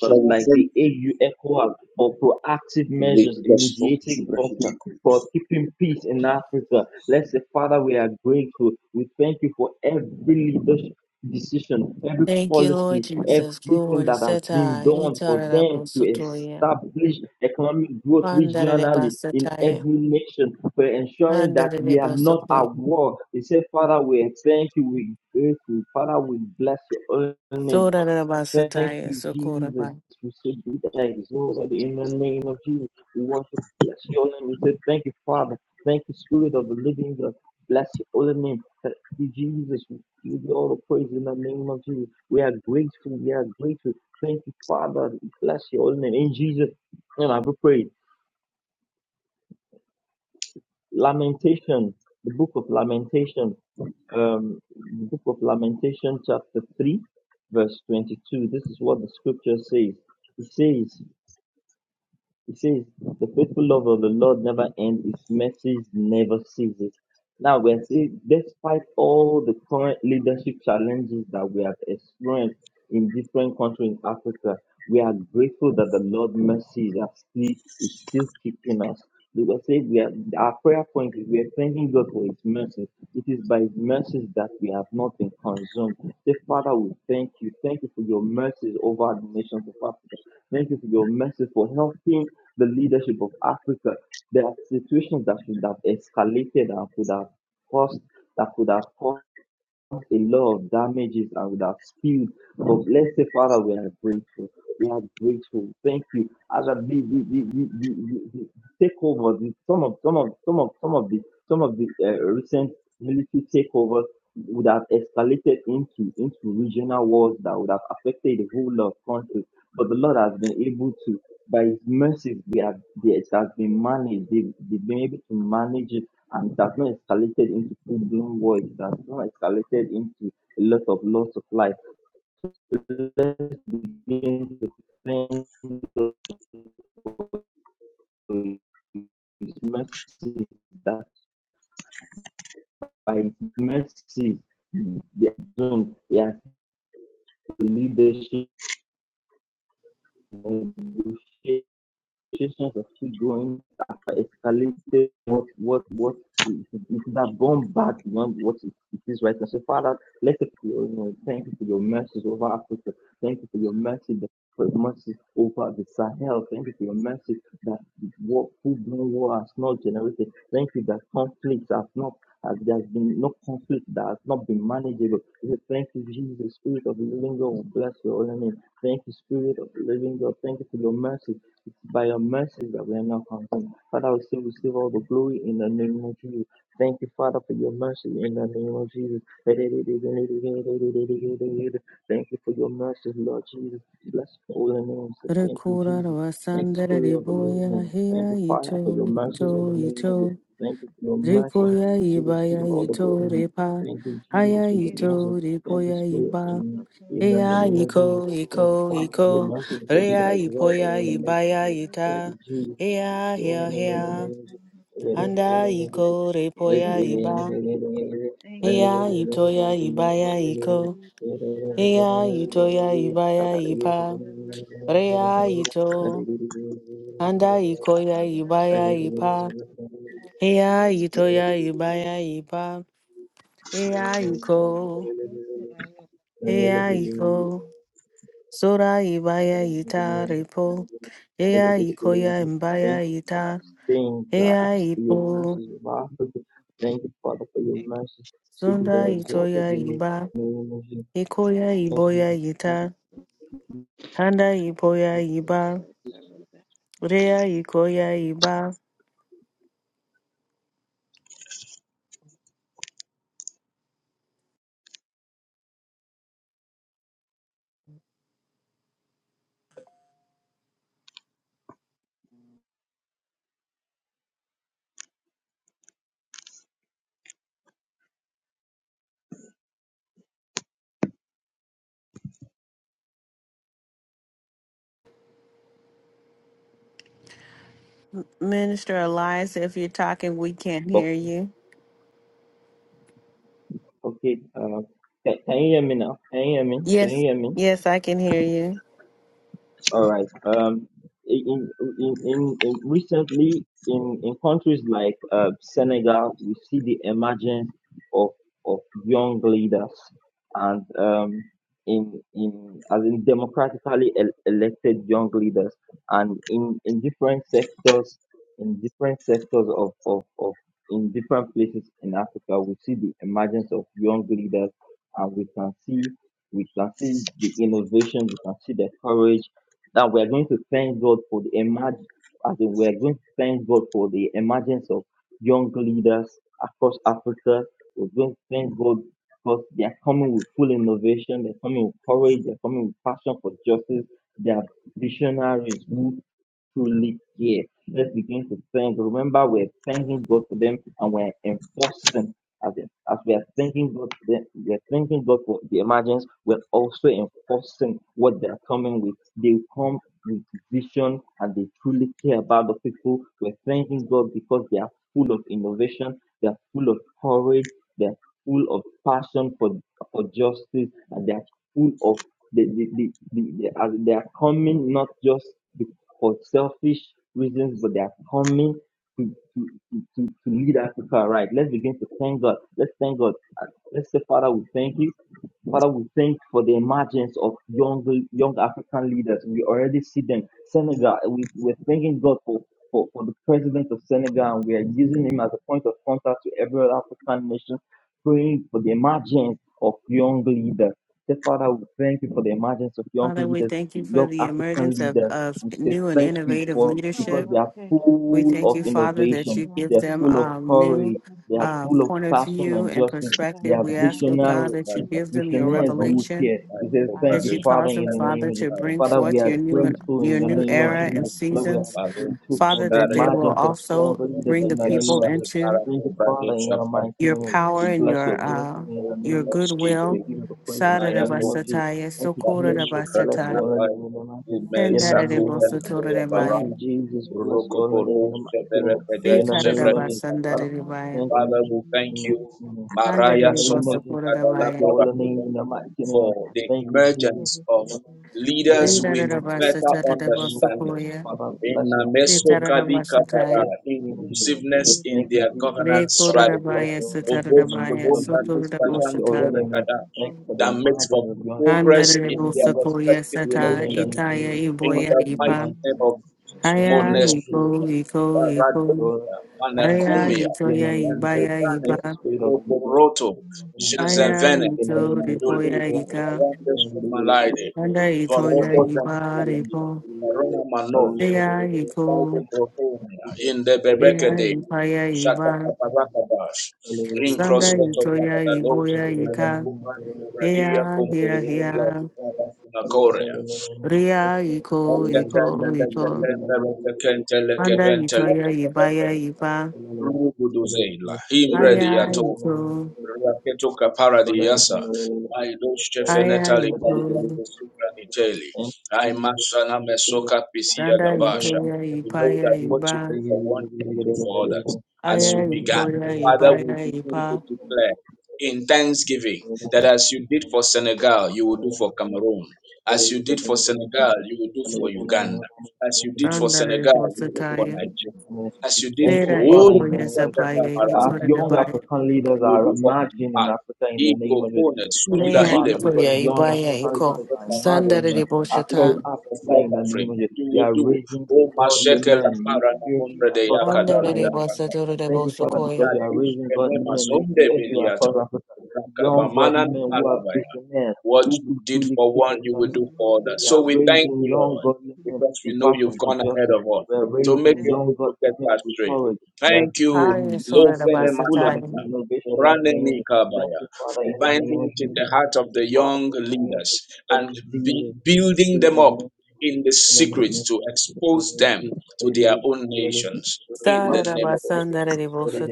[SPEAKER 3] Father, we
[SPEAKER 2] like the
[SPEAKER 3] thank
[SPEAKER 2] AU ECOWAS for proactive
[SPEAKER 3] you,
[SPEAKER 2] measures
[SPEAKER 3] nihida
[SPEAKER 2] in
[SPEAKER 3] stok
[SPEAKER 2] mediating
[SPEAKER 3] zubrahita
[SPEAKER 2] conflict, for
[SPEAKER 3] kus.
[SPEAKER 2] keeping peace in Africa. Let's say, Father, we are grateful. We thank you for every leadership decision, every
[SPEAKER 1] Thank you, Lord
[SPEAKER 2] policy,
[SPEAKER 1] Jesus.
[SPEAKER 2] everything
[SPEAKER 1] Glory to
[SPEAKER 2] that has been
[SPEAKER 1] Seta.
[SPEAKER 2] done
[SPEAKER 1] Ita
[SPEAKER 2] for them
[SPEAKER 1] rabo
[SPEAKER 2] to
[SPEAKER 1] sotoya.
[SPEAKER 2] establish economic growth
[SPEAKER 1] Andarere
[SPEAKER 2] regionally in every
[SPEAKER 1] basataya.
[SPEAKER 2] nation for ensuring that
[SPEAKER 1] Andarere
[SPEAKER 2] we are not
[SPEAKER 1] basokoi.
[SPEAKER 2] at war. We say, Father, we thank you, we grateful. Father, we bless your own name.
[SPEAKER 1] Sorarara
[SPEAKER 2] Thank
[SPEAKER 1] basataya.
[SPEAKER 2] you, Jesus.
[SPEAKER 1] Sokoraba.
[SPEAKER 2] We say be thou exalted in the name of Jesus. We want to bless your name. We say thank you, Father. Thank you, Spirit of the Living God. Bless your holy name. Thank you, Jesus. We give you all the praise in the name of Jesus. We are grateful. We are grateful. Thank you, Father. Bless your holy name. In Jesus' name, I pray. Lamentation, the book of Lamentation, um, the book of Lamentation, chapter 3, verse 22. This is what the scripture says. It says, He says, The faithful love of the Lord never ends, His mercy never ceases. Now we are saying, despite all the current leadership challenges that we have experienced in different countries in Africa, we are grateful that the Lord's mercies are still is still keeping us. We were saying we are our prayer point is we are thanking God for His mercy. It is by His mercies that we have not been consumed. Say, Father, we thank you. Thank you for your mercies over the nations of Africa. Thank you for your mercy for helping the leadership of Africa. There are situations that should have escalated and could have caused that could have caused caused a lot of damages and would have spilled. But let's say, Father, we are grateful. We are grateful. Thank you. As a we, we, we, we, we, we- take over the, some of some of some of some of the some of the uh, recent military takeovers would have escalated into into regional wars that would have affected the whole of countries. But the Lord has been able to, by His mercies, we have it has been managed. They, they've been able to manage it and it has not escalated into full blown war. It has not escalated into a lot of loss of life. Let's begin to thank God for His mercy that by His mercy, the zone, he has the leadership of the negotiations are still going after escalating what what what that it- gone back beyond what it, it is right now. So Father, let it be, you know, thank you for your mercies over Africa. Thank you for your mercy that for your mercy over the Sahel. Thank you for your mercy that war, food and war has not generated. Thank you that conflicts have not as there has been no conflict that has not been manageable. We Thank you, Jesus, Spirit of the Living God. Bless your holy name. Thank you, Spirit of the Living God. Thank you for your mercy by your mercies that we are now consumed. Father, we still receive all the glory in the name of Jesus. Thank you, Father, for your mercy in the name of Jesus. Thank you for your mercy, Lord Jesus. Bless your holy name. So Thank you,
[SPEAKER 1] Rekora
[SPEAKER 2] Jesus. Thank you,
[SPEAKER 1] rabasandara
[SPEAKER 2] Spirit of the living
[SPEAKER 1] reboya
[SPEAKER 2] God. Thank
[SPEAKER 1] heya
[SPEAKER 2] you, Father,
[SPEAKER 1] ito
[SPEAKER 2] for your mercy in the
[SPEAKER 1] ito
[SPEAKER 2] name of Jesus.
[SPEAKER 1] ito.
[SPEAKER 2] Thank you for your mercy.
[SPEAKER 1] Rekoya
[SPEAKER 2] So
[SPEAKER 4] Father, thank
[SPEAKER 1] ibaya
[SPEAKER 4] you
[SPEAKER 2] receive all the
[SPEAKER 4] for
[SPEAKER 1] ito
[SPEAKER 4] my
[SPEAKER 2] glory.
[SPEAKER 1] repa.
[SPEAKER 2] Thank you, Jesus,
[SPEAKER 1] Haya
[SPEAKER 2] for your
[SPEAKER 4] Jesus,
[SPEAKER 2] mercy.
[SPEAKER 1] ito
[SPEAKER 4] we
[SPEAKER 2] Thank you,
[SPEAKER 4] praise
[SPEAKER 1] repoya
[SPEAKER 2] Spirit
[SPEAKER 4] you,
[SPEAKER 2] of the
[SPEAKER 4] King
[SPEAKER 1] iba.
[SPEAKER 4] of
[SPEAKER 2] living God,
[SPEAKER 4] the
[SPEAKER 2] in the
[SPEAKER 1] Heya
[SPEAKER 2] name
[SPEAKER 4] mercy
[SPEAKER 2] of
[SPEAKER 4] of my
[SPEAKER 2] Jesus.
[SPEAKER 1] iko
[SPEAKER 4] life,
[SPEAKER 2] Thank you,
[SPEAKER 4] and
[SPEAKER 1] iko
[SPEAKER 4] King
[SPEAKER 2] Father, for
[SPEAKER 4] of
[SPEAKER 2] your
[SPEAKER 4] my
[SPEAKER 1] iko.
[SPEAKER 2] mercy and for
[SPEAKER 4] people,
[SPEAKER 1] Reya
[SPEAKER 2] that
[SPEAKER 4] to
[SPEAKER 2] exalted
[SPEAKER 1] ipoya
[SPEAKER 2] in the name of
[SPEAKER 4] give us
[SPEAKER 1] ibaya
[SPEAKER 2] Jesus.
[SPEAKER 4] the
[SPEAKER 2] Thank you,
[SPEAKER 4] Lord
[SPEAKER 1] ita.
[SPEAKER 4] of
[SPEAKER 2] Jesus,
[SPEAKER 4] our
[SPEAKER 2] for
[SPEAKER 1] Heya
[SPEAKER 4] mercy
[SPEAKER 2] showing
[SPEAKER 1] heya
[SPEAKER 2] me in the
[SPEAKER 4] and
[SPEAKER 1] heya.
[SPEAKER 2] name of Jesus.
[SPEAKER 4] my life. thank you, Lord, that
[SPEAKER 2] Thank
[SPEAKER 4] there is no
[SPEAKER 1] Anda
[SPEAKER 4] Christ
[SPEAKER 1] iko
[SPEAKER 4] to give you
[SPEAKER 2] you, Jesus. Thank you,
[SPEAKER 1] repoya
[SPEAKER 4] praise.
[SPEAKER 1] iba.
[SPEAKER 4] Lord.
[SPEAKER 2] Jesus.
[SPEAKER 4] Thank
[SPEAKER 2] Thank
[SPEAKER 4] you
[SPEAKER 2] you, Jesus. Thank you,
[SPEAKER 1] Heya
[SPEAKER 4] for your mercy,
[SPEAKER 1] Utoya Ibaya
[SPEAKER 4] we give
[SPEAKER 1] Iko.
[SPEAKER 4] you praise our
[SPEAKER 1] Heya Utoya
[SPEAKER 4] Thank you,
[SPEAKER 1] Ibaya
[SPEAKER 4] Lord, for
[SPEAKER 1] Ipa.
[SPEAKER 4] your
[SPEAKER 2] Jesus.
[SPEAKER 4] mercy, O God,
[SPEAKER 1] Rea
[SPEAKER 4] for
[SPEAKER 1] Ito.
[SPEAKER 4] thanking
[SPEAKER 1] Anda Ikoya
[SPEAKER 4] God and
[SPEAKER 1] Ibaya
[SPEAKER 4] thank you,
[SPEAKER 1] Ipa.
[SPEAKER 4] God.
[SPEAKER 1] Heya
[SPEAKER 4] Give us
[SPEAKER 1] Utoya Ibaya Ipa. Heya Iko.
[SPEAKER 4] grace that I have
[SPEAKER 2] Thank you, Jesus.
[SPEAKER 4] done,
[SPEAKER 2] Thank
[SPEAKER 1] Heya
[SPEAKER 4] I
[SPEAKER 2] you,
[SPEAKER 1] Iko. Sora
[SPEAKER 2] Thank
[SPEAKER 1] Ibaya Ita
[SPEAKER 2] you,
[SPEAKER 1] Repo.
[SPEAKER 4] think
[SPEAKER 1] Heya
[SPEAKER 4] I've
[SPEAKER 1] Ikoya Mbaya
[SPEAKER 2] Father,
[SPEAKER 1] Ita.
[SPEAKER 2] staying right
[SPEAKER 1] Heya
[SPEAKER 2] to be your
[SPEAKER 1] Ipo.
[SPEAKER 2] mercies of our faith. Thank you, Father, for your
[SPEAKER 4] thank
[SPEAKER 2] mercies. To be
[SPEAKER 1] Sunda
[SPEAKER 2] the exalted
[SPEAKER 1] Itoya
[SPEAKER 4] you.
[SPEAKER 2] in the
[SPEAKER 1] Iba.
[SPEAKER 2] name of Jesus.
[SPEAKER 4] Thank
[SPEAKER 1] Ikoya
[SPEAKER 2] Thank
[SPEAKER 1] Iboya
[SPEAKER 2] you.
[SPEAKER 4] Father,
[SPEAKER 1] Ita. Handa Iboya
[SPEAKER 2] Jesus.
[SPEAKER 1] Iba. Rea Ikoya Iba. Minister Elias, if you're talking, we can't hear you.
[SPEAKER 2] Okay, uh, can, can you hear me now? Can you hear me? Can you
[SPEAKER 1] Yes,
[SPEAKER 2] hear me?
[SPEAKER 1] yes, I can hear you.
[SPEAKER 2] All right. Um, in, in, in, in recently in, in countries like uh, Senegal, we see the emergence of, of young leaders, and um, in in as in democratically el- elected young leaders, and in, in different sectors, in different sectors of, of, of in different places in Africa, we see the emergence of young leaders, and we can see we can see the innovation, we can see the courage now we are going to thank God for the emerge, as in we are going to thank God for the emergence of young leaders across Africa. We're going to thank God because they are coming with full innovation, they're coming with courage, they're coming with passion for justice, they are visionaries. who truly yeah. Let's begin to thank. Remember, we're thanking God for them and we're enforcing as, as we are thanking God for them, we're thanking God for the emergence, we're also enforcing what they're coming with. They come with vision and they truly care about the people. We're thanking God because they are full of innovation, they are full of courage, they're full of passion for, for justice, and they're full of they, they, they, they, they are, they are coming not just for selfish reasons, but they are coming to, to, to, to to lead Africa right. Let's begin to thank God. Let's thank God. Uh, Let's say, Father, we thank you. Father, we thank for the emergence of young young African leaders. We already see them. Senegal, we, we're thanking God for, for, for the president of Senegal, and we are using him as a point of contact to every other African nation, praying for the emergence of young leaders. Say, Father, we thank you for the emergence of young
[SPEAKER 1] Father, we
[SPEAKER 2] leaders,
[SPEAKER 1] thank you for
[SPEAKER 2] young
[SPEAKER 1] the
[SPEAKER 2] African
[SPEAKER 1] emergence of,
[SPEAKER 2] leaders
[SPEAKER 1] of
[SPEAKER 2] we say
[SPEAKER 1] new and
[SPEAKER 2] thank you
[SPEAKER 1] innovative
[SPEAKER 2] for because
[SPEAKER 1] leadership.
[SPEAKER 2] they
[SPEAKER 4] I
[SPEAKER 2] are
[SPEAKER 4] thank you for
[SPEAKER 1] We
[SPEAKER 4] the
[SPEAKER 2] full
[SPEAKER 1] thank
[SPEAKER 2] of
[SPEAKER 1] you, Father,
[SPEAKER 4] enlightenment of
[SPEAKER 1] that you
[SPEAKER 2] innovation,
[SPEAKER 4] young
[SPEAKER 2] they
[SPEAKER 1] give
[SPEAKER 2] are
[SPEAKER 1] them
[SPEAKER 2] full
[SPEAKER 4] leaders
[SPEAKER 2] of
[SPEAKER 1] um,
[SPEAKER 4] in their
[SPEAKER 1] new
[SPEAKER 2] courage,
[SPEAKER 4] own
[SPEAKER 2] they are
[SPEAKER 1] uh,
[SPEAKER 4] country.
[SPEAKER 2] full of
[SPEAKER 1] point of
[SPEAKER 4] We
[SPEAKER 2] passion
[SPEAKER 1] view
[SPEAKER 4] give
[SPEAKER 2] and
[SPEAKER 4] you
[SPEAKER 1] and
[SPEAKER 2] justice,
[SPEAKER 4] thanks,
[SPEAKER 2] they
[SPEAKER 1] perspective.
[SPEAKER 2] are
[SPEAKER 1] We
[SPEAKER 4] Father.
[SPEAKER 1] ask,
[SPEAKER 4] We
[SPEAKER 1] oh
[SPEAKER 4] thank
[SPEAKER 1] God,
[SPEAKER 2] visionary
[SPEAKER 5] I'm
[SPEAKER 1] that
[SPEAKER 5] a
[SPEAKER 1] you
[SPEAKER 4] you
[SPEAKER 1] give
[SPEAKER 4] for
[SPEAKER 1] them
[SPEAKER 5] man
[SPEAKER 1] your
[SPEAKER 4] their
[SPEAKER 5] of
[SPEAKER 2] visionaries
[SPEAKER 5] my
[SPEAKER 4] family.
[SPEAKER 5] own.
[SPEAKER 2] who
[SPEAKER 1] revelation,
[SPEAKER 2] care.
[SPEAKER 5] I'm
[SPEAKER 2] We
[SPEAKER 4] We
[SPEAKER 2] say
[SPEAKER 5] a
[SPEAKER 4] I
[SPEAKER 2] thank
[SPEAKER 5] man
[SPEAKER 1] that
[SPEAKER 2] you,
[SPEAKER 1] you
[SPEAKER 4] thank
[SPEAKER 2] Father,
[SPEAKER 1] cause
[SPEAKER 4] you
[SPEAKER 1] them,
[SPEAKER 2] in the
[SPEAKER 4] and
[SPEAKER 2] name
[SPEAKER 1] Father,
[SPEAKER 2] of
[SPEAKER 1] to
[SPEAKER 2] Jesus.
[SPEAKER 4] praise
[SPEAKER 1] bring
[SPEAKER 5] of
[SPEAKER 4] you
[SPEAKER 5] my
[SPEAKER 2] Father,
[SPEAKER 4] for
[SPEAKER 2] we
[SPEAKER 1] forth
[SPEAKER 2] are
[SPEAKER 5] own.
[SPEAKER 1] your
[SPEAKER 5] I'm a
[SPEAKER 1] new
[SPEAKER 5] man
[SPEAKER 1] and
[SPEAKER 2] grateful in
[SPEAKER 1] your
[SPEAKER 2] the
[SPEAKER 4] the
[SPEAKER 1] new
[SPEAKER 2] name of
[SPEAKER 4] love
[SPEAKER 1] era
[SPEAKER 4] and
[SPEAKER 1] and
[SPEAKER 5] of
[SPEAKER 2] Jesus.
[SPEAKER 4] peace
[SPEAKER 2] Father,
[SPEAKER 4] that
[SPEAKER 2] we are
[SPEAKER 4] you
[SPEAKER 1] seasons.
[SPEAKER 5] my
[SPEAKER 4] give us
[SPEAKER 5] own.
[SPEAKER 2] grateful
[SPEAKER 4] in this
[SPEAKER 2] for
[SPEAKER 1] Father,
[SPEAKER 2] the
[SPEAKER 5] I'm
[SPEAKER 1] that
[SPEAKER 4] world.
[SPEAKER 1] they will
[SPEAKER 2] emergence of
[SPEAKER 4] We
[SPEAKER 2] young
[SPEAKER 1] also
[SPEAKER 5] a
[SPEAKER 4] need
[SPEAKER 2] leaders
[SPEAKER 1] bring
[SPEAKER 2] in
[SPEAKER 1] the
[SPEAKER 4] for
[SPEAKER 2] the
[SPEAKER 5] man
[SPEAKER 4] this
[SPEAKER 2] name
[SPEAKER 1] people
[SPEAKER 2] of Jesus.
[SPEAKER 5] of
[SPEAKER 1] into.
[SPEAKER 2] Thank
[SPEAKER 5] my own.
[SPEAKER 2] you,
[SPEAKER 5] I'm a man
[SPEAKER 2] Father, in
[SPEAKER 5] of
[SPEAKER 2] the mighty
[SPEAKER 1] your
[SPEAKER 2] name.
[SPEAKER 5] my
[SPEAKER 1] power
[SPEAKER 2] We
[SPEAKER 4] new
[SPEAKER 1] and
[SPEAKER 2] bless
[SPEAKER 4] heaven.
[SPEAKER 2] your
[SPEAKER 1] your
[SPEAKER 4] We
[SPEAKER 2] holy
[SPEAKER 1] uh,
[SPEAKER 2] name in the
[SPEAKER 5] own.
[SPEAKER 4] thank you
[SPEAKER 1] your
[SPEAKER 2] name of
[SPEAKER 4] for
[SPEAKER 2] Jesus.
[SPEAKER 4] this in
[SPEAKER 1] goodwill.
[SPEAKER 2] We
[SPEAKER 4] the
[SPEAKER 2] give you
[SPEAKER 4] name
[SPEAKER 2] the
[SPEAKER 4] of
[SPEAKER 2] praise
[SPEAKER 4] the Lord. The
[SPEAKER 5] I'm a
[SPEAKER 2] in the
[SPEAKER 5] man of
[SPEAKER 4] name
[SPEAKER 5] my
[SPEAKER 4] of
[SPEAKER 2] name
[SPEAKER 5] own.
[SPEAKER 2] of
[SPEAKER 4] Jesus.
[SPEAKER 2] Jesus.
[SPEAKER 1] Sarabasataya,
[SPEAKER 4] the
[SPEAKER 2] Thank you,
[SPEAKER 5] I'm
[SPEAKER 4] Lord,
[SPEAKER 5] a man of my own. I'm a
[SPEAKER 4] the
[SPEAKER 5] man of my
[SPEAKER 2] Jesus.
[SPEAKER 5] own. I'm a man of my
[SPEAKER 4] Lord,
[SPEAKER 2] Bless
[SPEAKER 4] the Lord,
[SPEAKER 1] Sokorabasata,
[SPEAKER 2] your holy name in the mighty name. In the name
[SPEAKER 5] own.
[SPEAKER 2] of Jesus.
[SPEAKER 5] I'm a man of my own. I'm a man of my own. I'm a man of my own. I'm
[SPEAKER 2] Thank
[SPEAKER 1] Sendarebasotorabaya,
[SPEAKER 2] you, Jesus. Bless your holy name in the mighty name. In the name of Jesus. Father, we say
[SPEAKER 1] Sikarabasandarebaya,
[SPEAKER 2] thank you, Jesus. In the, in the in the
[SPEAKER 5] a
[SPEAKER 2] name of Jesus.
[SPEAKER 5] man
[SPEAKER 2] Bless
[SPEAKER 5] of
[SPEAKER 2] your
[SPEAKER 1] Andarabasokorabaya,
[SPEAKER 2] holy
[SPEAKER 5] my
[SPEAKER 2] name
[SPEAKER 5] own
[SPEAKER 2] in the mighty name.
[SPEAKER 5] for the
[SPEAKER 2] Thank you, Jesus.
[SPEAKER 5] emergence
[SPEAKER 2] In
[SPEAKER 5] of
[SPEAKER 2] the name in the
[SPEAKER 5] leaders with
[SPEAKER 2] name of Jesus.
[SPEAKER 5] better
[SPEAKER 2] In the name of Jesus.
[SPEAKER 5] understanding
[SPEAKER 1] Sidarabasatarabasatoya,
[SPEAKER 2] Father, bless
[SPEAKER 5] in
[SPEAKER 2] your holy
[SPEAKER 5] Nameso
[SPEAKER 2] name.
[SPEAKER 5] Kali Kabara,
[SPEAKER 1] Sitarabasataya,
[SPEAKER 2] In the name of Jesus, we say
[SPEAKER 5] inclusiveness
[SPEAKER 2] thank
[SPEAKER 5] in
[SPEAKER 2] you,
[SPEAKER 5] their
[SPEAKER 2] Jesus.
[SPEAKER 5] governance
[SPEAKER 2] Father, I
[SPEAKER 5] strategy.
[SPEAKER 2] bless
[SPEAKER 1] Rekorabaya,
[SPEAKER 2] your
[SPEAKER 4] Thank
[SPEAKER 2] holy
[SPEAKER 5] Bobos
[SPEAKER 2] name in the
[SPEAKER 1] Satarabaya,
[SPEAKER 2] name of
[SPEAKER 5] Kodom
[SPEAKER 2] Jesus.
[SPEAKER 5] Radis
[SPEAKER 2] Bless
[SPEAKER 5] Patan
[SPEAKER 2] your holy
[SPEAKER 1] Sotorabosata,
[SPEAKER 5] Gedere
[SPEAKER 2] name.
[SPEAKER 5] Kadash,
[SPEAKER 2] Thank you for the
[SPEAKER 5] That makes
[SPEAKER 2] margin
[SPEAKER 5] for
[SPEAKER 2] of your
[SPEAKER 5] progress
[SPEAKER 2] hospitality in
[SPEAKER 5] in
[SPEAKER 2] the
[SPEAKER 5] their
[SPEAKER 2] mighty.
[SPEAKER 1] Andarabasokoya,
[SPEAKER 5] respective
[SPEAKER 2] In the
[SPEAKER 1] Sata,
[SPEAKER 2] name
[SPEAKER 5] nations
[SPEAKER 2] of
[SPEAKER 1] Itaya,
[SPEAKER 2] Jesus,
[SPEAKER 5] in
[SPEAKER 2] Father,
[SPEAKER 1] Iboya,
[SPEAKER 5] the
[SPEAKER 2] in the
[SPEAKER 1] Ipa,
[SPEAKER 5] mighty
[SPEAKER 2] mighty
[SPEAKER 5] name of
[SPEAKER 2] name.
[SPEAKER 5] Jesus.
[SPEAKER 2] In the
[SPEAKER 1] Aya,
[SPEAKER 2] name of Jesus,
[SPEAKER 5] Monesulia,
[SPEAKER 1] Iko, Iko,
[SPEAKER 2] your
[SPEAKER 1] Iko.
[SPEAKER 5] Baradosia,
[SPEAKER 2] holy name in the mighty
[SPEAKER 1] Aya
[SPEAKER 2] name.
[SPEAKER 5] Manakumia,
[SPEAKER 2] In the name
[SPEAKER 1] itoya
[SPEAKER 2] of Jesus,
[SPEAKER 1] ibaya iba.
[SPEAKER 2] thank
[SPEAKER 5] Antopania,
[SPEAKER 2] you, Spirit of the Living God.
[SPEAKER 5] Roboroto,
[SPEAKER 2] In the name,
[SPEAKER 1] Aya
[SPEAKER 5] Jazavene,
[SPEAKER 2] in the
[SPEAKER 1] ito
[SPEAKER 2] name of Jesus.
[SPEAKER 1] repoya
[SPEAKER 5] Mandolita,
[SPEAKER 2] In the
[SPEAKER 1] ika.
[SPEAKER 5] Arandes
[SPEAKER 2] name of
[SPEAKER 5] Malide,
[SPEAKER 1] Anda itoya
[SPEAKER 5] Varoko
[SPEAKER 1] iba
[SPEAKER 2] Jesus.
[SPEAKER 5] Zamakalia,
[SPEAKER 1] repo.
[SPEAKER 5] Varona Manoze,
[SPEAKER 2] Hallelujah.
[SPEAKER 1] Seya
[SPEAKER 2] Hallelujah.
[SPEAKER 1] iko.
[SPEAKER 5] Mokode Brotonia, in the
[SPEAKER 1] Eya
[SPEAKER 5] Berekade,
[SPEAKER 1] ipaya
[SPEAKER 5] Jata
[SPEAKER 1] iba.
[SPEAKER 5] Paparakabash, in
[SPEAKER 1] Sanda
[SPEAKER 5] Crosoto
[SPEAKER 1] itoya
[SPEAKER 5] Papadalos,
[SPEAKER 1] iboya ika.
[SPEAKER 5] Manakuma, Pradia,
[SPEAKER 1] Eya hea
[SPEAKER 5] Kumara,
[SPEAKER 1] hea.
[SPEAKER 5] La Uta,
[SPEAKER 1] Ria iko iko iko. Anda itoya ibaya iba.
[SPEAKER 5] Ruguduzeila.
[SPEAKER 2] Thank
[SPEAKER 5] Himre de
[SPEAKER 1] Aya
[SPEAKER 5] yato.
[SPEAKER 1] ito.
[SPEAKER 2] you.
[SPEAKER 5] Raketuka
[SPEAKER 2] Thank
[SPEAKER 5] paradiasa.
[SPEAKER 2] you,
[SPEAKER 5] Ai doste
[SPEAKER 1] Aya
[SPEAKER 5] fenetali
[SPEAKER 1] ito.
[SPEAKER 5] kapavando supra niteli.
[SPEAKER 2] Jesus.
[SPEAKER 5] masana
[SPEAKER 2] Thank you, Spirit
[SPEAKER 5] mesoka pisia
[SPEAKER 1] Sanda
[SPEAKER 5] dabasha.
[SPEAKER 1] itoya
[SPEAKER 5] We know
[SPEAKER 1] ipaya
[SPEAKER 5] that what you
[SPEAKER 1] iba.
[SPEAKER 5] do for one and do for others as you
[SPEAKER 1] Aya
[SPEAKER 5] began.
[SPEAKER 1] ipoya
[SPEAKER 5] Father, we
[SPEAKER 1] ibaya
[SPEAKER 5] begin to
[SPEAKER 1] ipa
[SPEAKER 5] declare in thanksgiving that as you did for Senegal, you will do for
[SPEAKER 2] of God.
[SPEAKER 5] Cameroon.
[SPEAKER 2] Thank
[SPEAKER 5] As you did for Senegal, you will do for Uganda. As you did for
[SPEAKER 1] sandara
[SPEAKER 5] Senegal, you will do for
[SPEAKER 1] ibosataya
[SPEAKER 5] Nigeria. As you did for
[SPEAKER 2] you,
[SPEAKER 1] sera
[SPEAKER 2] Father,
[SPEAKER 5] all
[SPEAKER 2] in the
[SPEAKER 1] ipoya
[SPEAKER 2] name of Jesus.
[SPEAKER 1] sapaya
[SPEAKER 2] Our
[SPEAKER 1] itora
[SPEAKER 2] young
[SPEAKER 5] the
[SPEAKER 1] debaya
[SPEAKER 2] African leaders are
[SPEAKER 5] Mhudumu wa
[SPEAKER 2] emerging in
[SPEAKER 5] kampala
[SPEAKER 2] Africa in the
[SPEAKER 5] iko
[SPEAKER 2] name of Jesus.
[SPEAKER 5] kona suri
[SPEAKER 2] Thank
[SPEAKER 5] la
[SPEAKER 2] you,
[SPEAKER 1] reya
[SPEAKER 5] hile
[SPEAKER 2] Father,
[SPEAKER 5] mo.
[SPEAKER 2] because
[SPEAKER 1] ipoya
[SPEAKER 2] young
[SPEAKER 1] ibaya
[SPEAKER 5] You
[SPEAKER 2] African
[SPEAKER 1] iko
[SPEAKER 2] leaders are emerging
[SPEAKER 1] sandara
[SPEAKER 2] in- across
[SPEAKER 5] will
[SPEAKER 1] ibosata
[SPEAKER 5] do for
[SPEAKER 2] Africa
[SPEAKER 5] South
[SPEAKER 2] in the name of
[SPEAKER 5] Africa.
[SPEAKER 2] Jesus.
[SPEAKER 5] You
[SPEAKER 2] They
[SPEAKER 5] will
[SPEAKER 2] are
[SPEAKER 5] do.
[SPEAKER 2] raising
[SPEAKER 5] Oh,
[SPEAKER 2] godly
[SPEAKER 5] Masheke la
[SPEAKER 2] men who
[SPEAKER 5] para na
[SPEAKER 2] fear you
[SPEAKER 5] hombre de
[SPEAKER 2] across
[SPEAKER 1] andara
[SPEAKER 2] Africa
[SPEAKER 5] yakadalia.
[SPEAKER 2] in the name of Jesus.
[SPEAKER 1] ibosatora
[SPEAKER 2] Thank you, Father,
[SPEAKER 1] ibosakoya
[SPEAKER 2] because
[SPEAKER 5] That
[SPEAKER 2] you are
[SPEAKER 5] dish
[SPEAKER 2] raising godly
[SPEAKER 5] kenema
[SPEAKER 2] men who
[SPEAKER 5] zonde
[SPEAKER 2] fear you
[SPEAKER 5] biliata.
[SPEAKER 2] across Africa. Young
[SPEAKER 5] Rakabamana
[SPEAKER 2] godly
[SPEAKER 5] na
[SPEAKER 2] men who are
[SPEAKER 5] malabaya.
[SPEAKER 2] visionaries,
[SPEAKER 5] What
[SPEAKER 2] who
[SPEAKER 5] you
[SPEAKER 2] could
[SPEAKER 5] did
[SPEAKER 2] truly
[SPEAKER 5] for
[SPEAKER 2] care.
[SPEAKER 5] one,
[SPEAKER 2] in
[SPEAKER 5] you
[SPEAKER 2] the
[SPEAKER 5] will do for
[SPEAKER 2] because
[SPEAKER 5] others.
[SPEAKER 2] we
[SPEAKER 5] So
[SPEAKER 2] are
[SPEAKER 5] we thank
[SPEAKER 2] raising
[SPEAKER 5] you,
[SPEAKER 2] young
[SPEAKER 5] Lord,
[SPEAKER 2] godly men
[SPEAKER 5] because
[SPEAKER 2] with
[SPEAKER 5] we know
[SPEAKER 2] passion
[SPEAKER 5] you've
[SPEAKER 2] for
[SPEAKER 5] gone ahead
[SPEAKER 2] justice.
[SPEAKER 5] of us
[SPEAKER 2] We are
[SPEAKER 5] to make
[SPEAKER 2] raising
[SPEAKER 5] every
[SPEAKER 2] young godly
[SPEAKER 5] crooked path
[SPEAKER 2] men with
[SPEAKER 5] straight.
[SPEAKER 2] courage. We are
[SPEAKER 5] Thank you,
[SPEAKER 1] haya
[SPEAKER 2] raising young
[SPEAKER 5] Lord
[SPEAKER 1] sora
[SPEAKER 2] godly men
[SPEAKER 5] Fenema
[SPEAKER 2] full of
[SPEAKER 1] ibosataya
[SPEAKER 5] for
[SPEAKER 2] innovation in the
[SPEAKER 5] running
[SPEAKER 2] name
[SPEAKER 5] me,
[SPEAKER 2] of Jesus. Thank
[SPEAKER 5] Kabaya,
[SPEAKER 2] you, Father,
[SPEAKER 5] for
[SPEAKER 2] in the name of
[SPEAKER 5] binding it in
[SPEAKER 2] Jesus.
[SPEAKER 5] the heart
[SPEAKER 2] Thank
[SPEAKER 5] of
[SPEAKER 2] you,
[SPEAKER 5] the
[SPEAKER 2] Father,
[SPEAKER 5] young
[SPEAKER 2] in the name of Jesus.
[SPEAKER 5] leaders
[SPEAKER 2] Thank
[SPEAKER 5] and
[SPEAKER 2] you,
[SPEAKER 5] be-
[SPEAKER 2] Jesus. Thank
[SPEAKER 5] building
[SPEAKER 2] you, Spirit
[SPEAKER 5] them up
[SPEAKER 2] of
[SPEAKER 5] in the secrets
[SPEAKER 2] in
[SPEAKER 5] to expose them to their own nations. In the
[SPEAKER 1] sara
[SPEAKER 5] name
[SPEAKER 1] ibosandara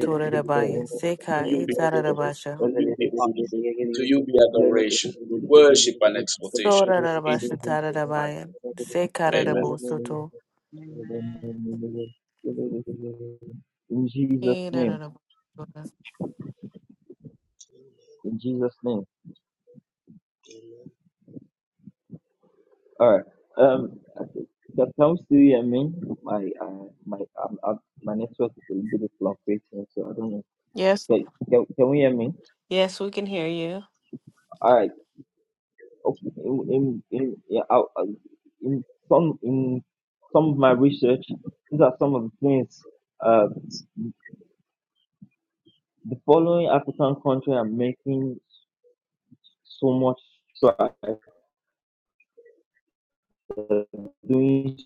[SPEAKER 5] to you be bold,
[SPEAKER 1] debaya
[SPEAKER 5] to
[SPEAKER 1] seka
[SPEAKER 5] you be
[SPEAKER 1] itara
[SPEAKER 5] praised,
[SPEAKER 1] debasha
[SPEAKER 5] to you be honored, to you be adoration, worship and exaltation
[SPEAKER 1] sora
[SPEAKER 5] in
[SPEAKER 1] debasha tara
[SPEAKER 5] Jesus'
[SPEAKER 1] debaya
[SPEAKER 5] mighty name.
[SPEAKER 1] seka
[SPEAKER 5] Amen.
[SPEAKER 1] ibosato
[SPEAKER 2] Jesus' name, in Jesus' name. All right. Um, that comes to you. I mean, my uh, my um, uh, my network is a little bit fluctuating, so I don't know.
[SPEAKER 1] Yes,
[SPEAKER 2] Can, can, can we hear me?
[SPEAKER 1] yes, we can hear you.
[SPEAKER 2] All right. Okay. In, in, in, yeah, I, I- in some in some of my research, these are some of the things. Uh, the following African country are making so much strides. uh, doing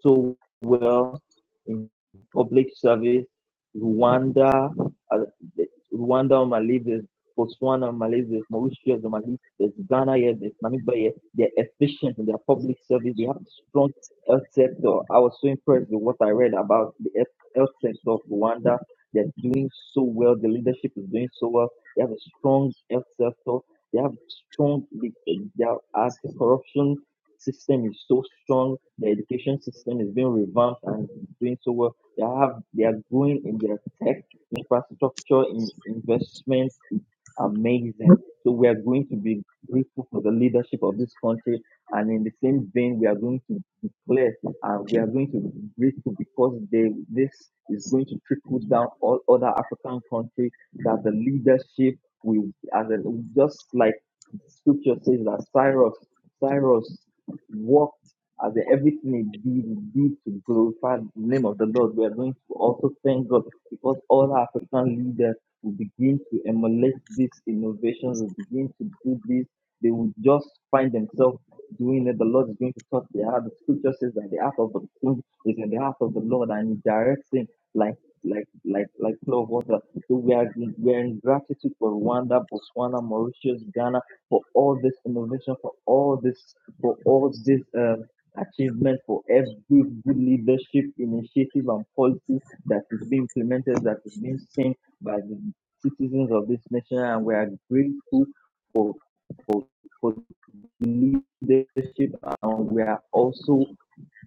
[SPEAKER 2] so well in public service. Rwanda, uh, Rwanda on my list, there's Botswana on my list, there's Mauritius on my list, there's Ghana here, there's Namibia here. They're efficient in their public service. They have a strong health sector. I was so impressed with what I read about the health health sector of Rwanda. They're doing so well. The leadership is doing so well. They have a strong health sector. They have strong. They, they are anti-corruption system is so strong. The education system is being revamped and doing so well. They have they are growing in their tech infrastructure in investment. It's amazing. So we are going to be grateful for the leadership of this country. And in the same vein, we are going to declare and we are going to be grateful because they, this is going to trickle down all other African countries that the leadership will, as a, just like scripture says that Cyrus, Cyrus walked as in everything he did, he did to glorify the name of the Lord. We are going to also thank God because all our African leaders will begin to emulate these innovations, will begin to do this. They will just find themselves doing it. The Lord is going to touch their heart. The scripture says that the heart of the king is in the heart of the Lord and he directs him like like like like flow of water. So we are in, we are in gratitude for Rwanda, Botswana, Mauritius, Ghana, for all this innovation, for all this for all this um, achievement, for every good leadership initiative and policy that is being implemented, that is being seen by the citizens of this nation. And we are grateful for, for, for leadership. And we are also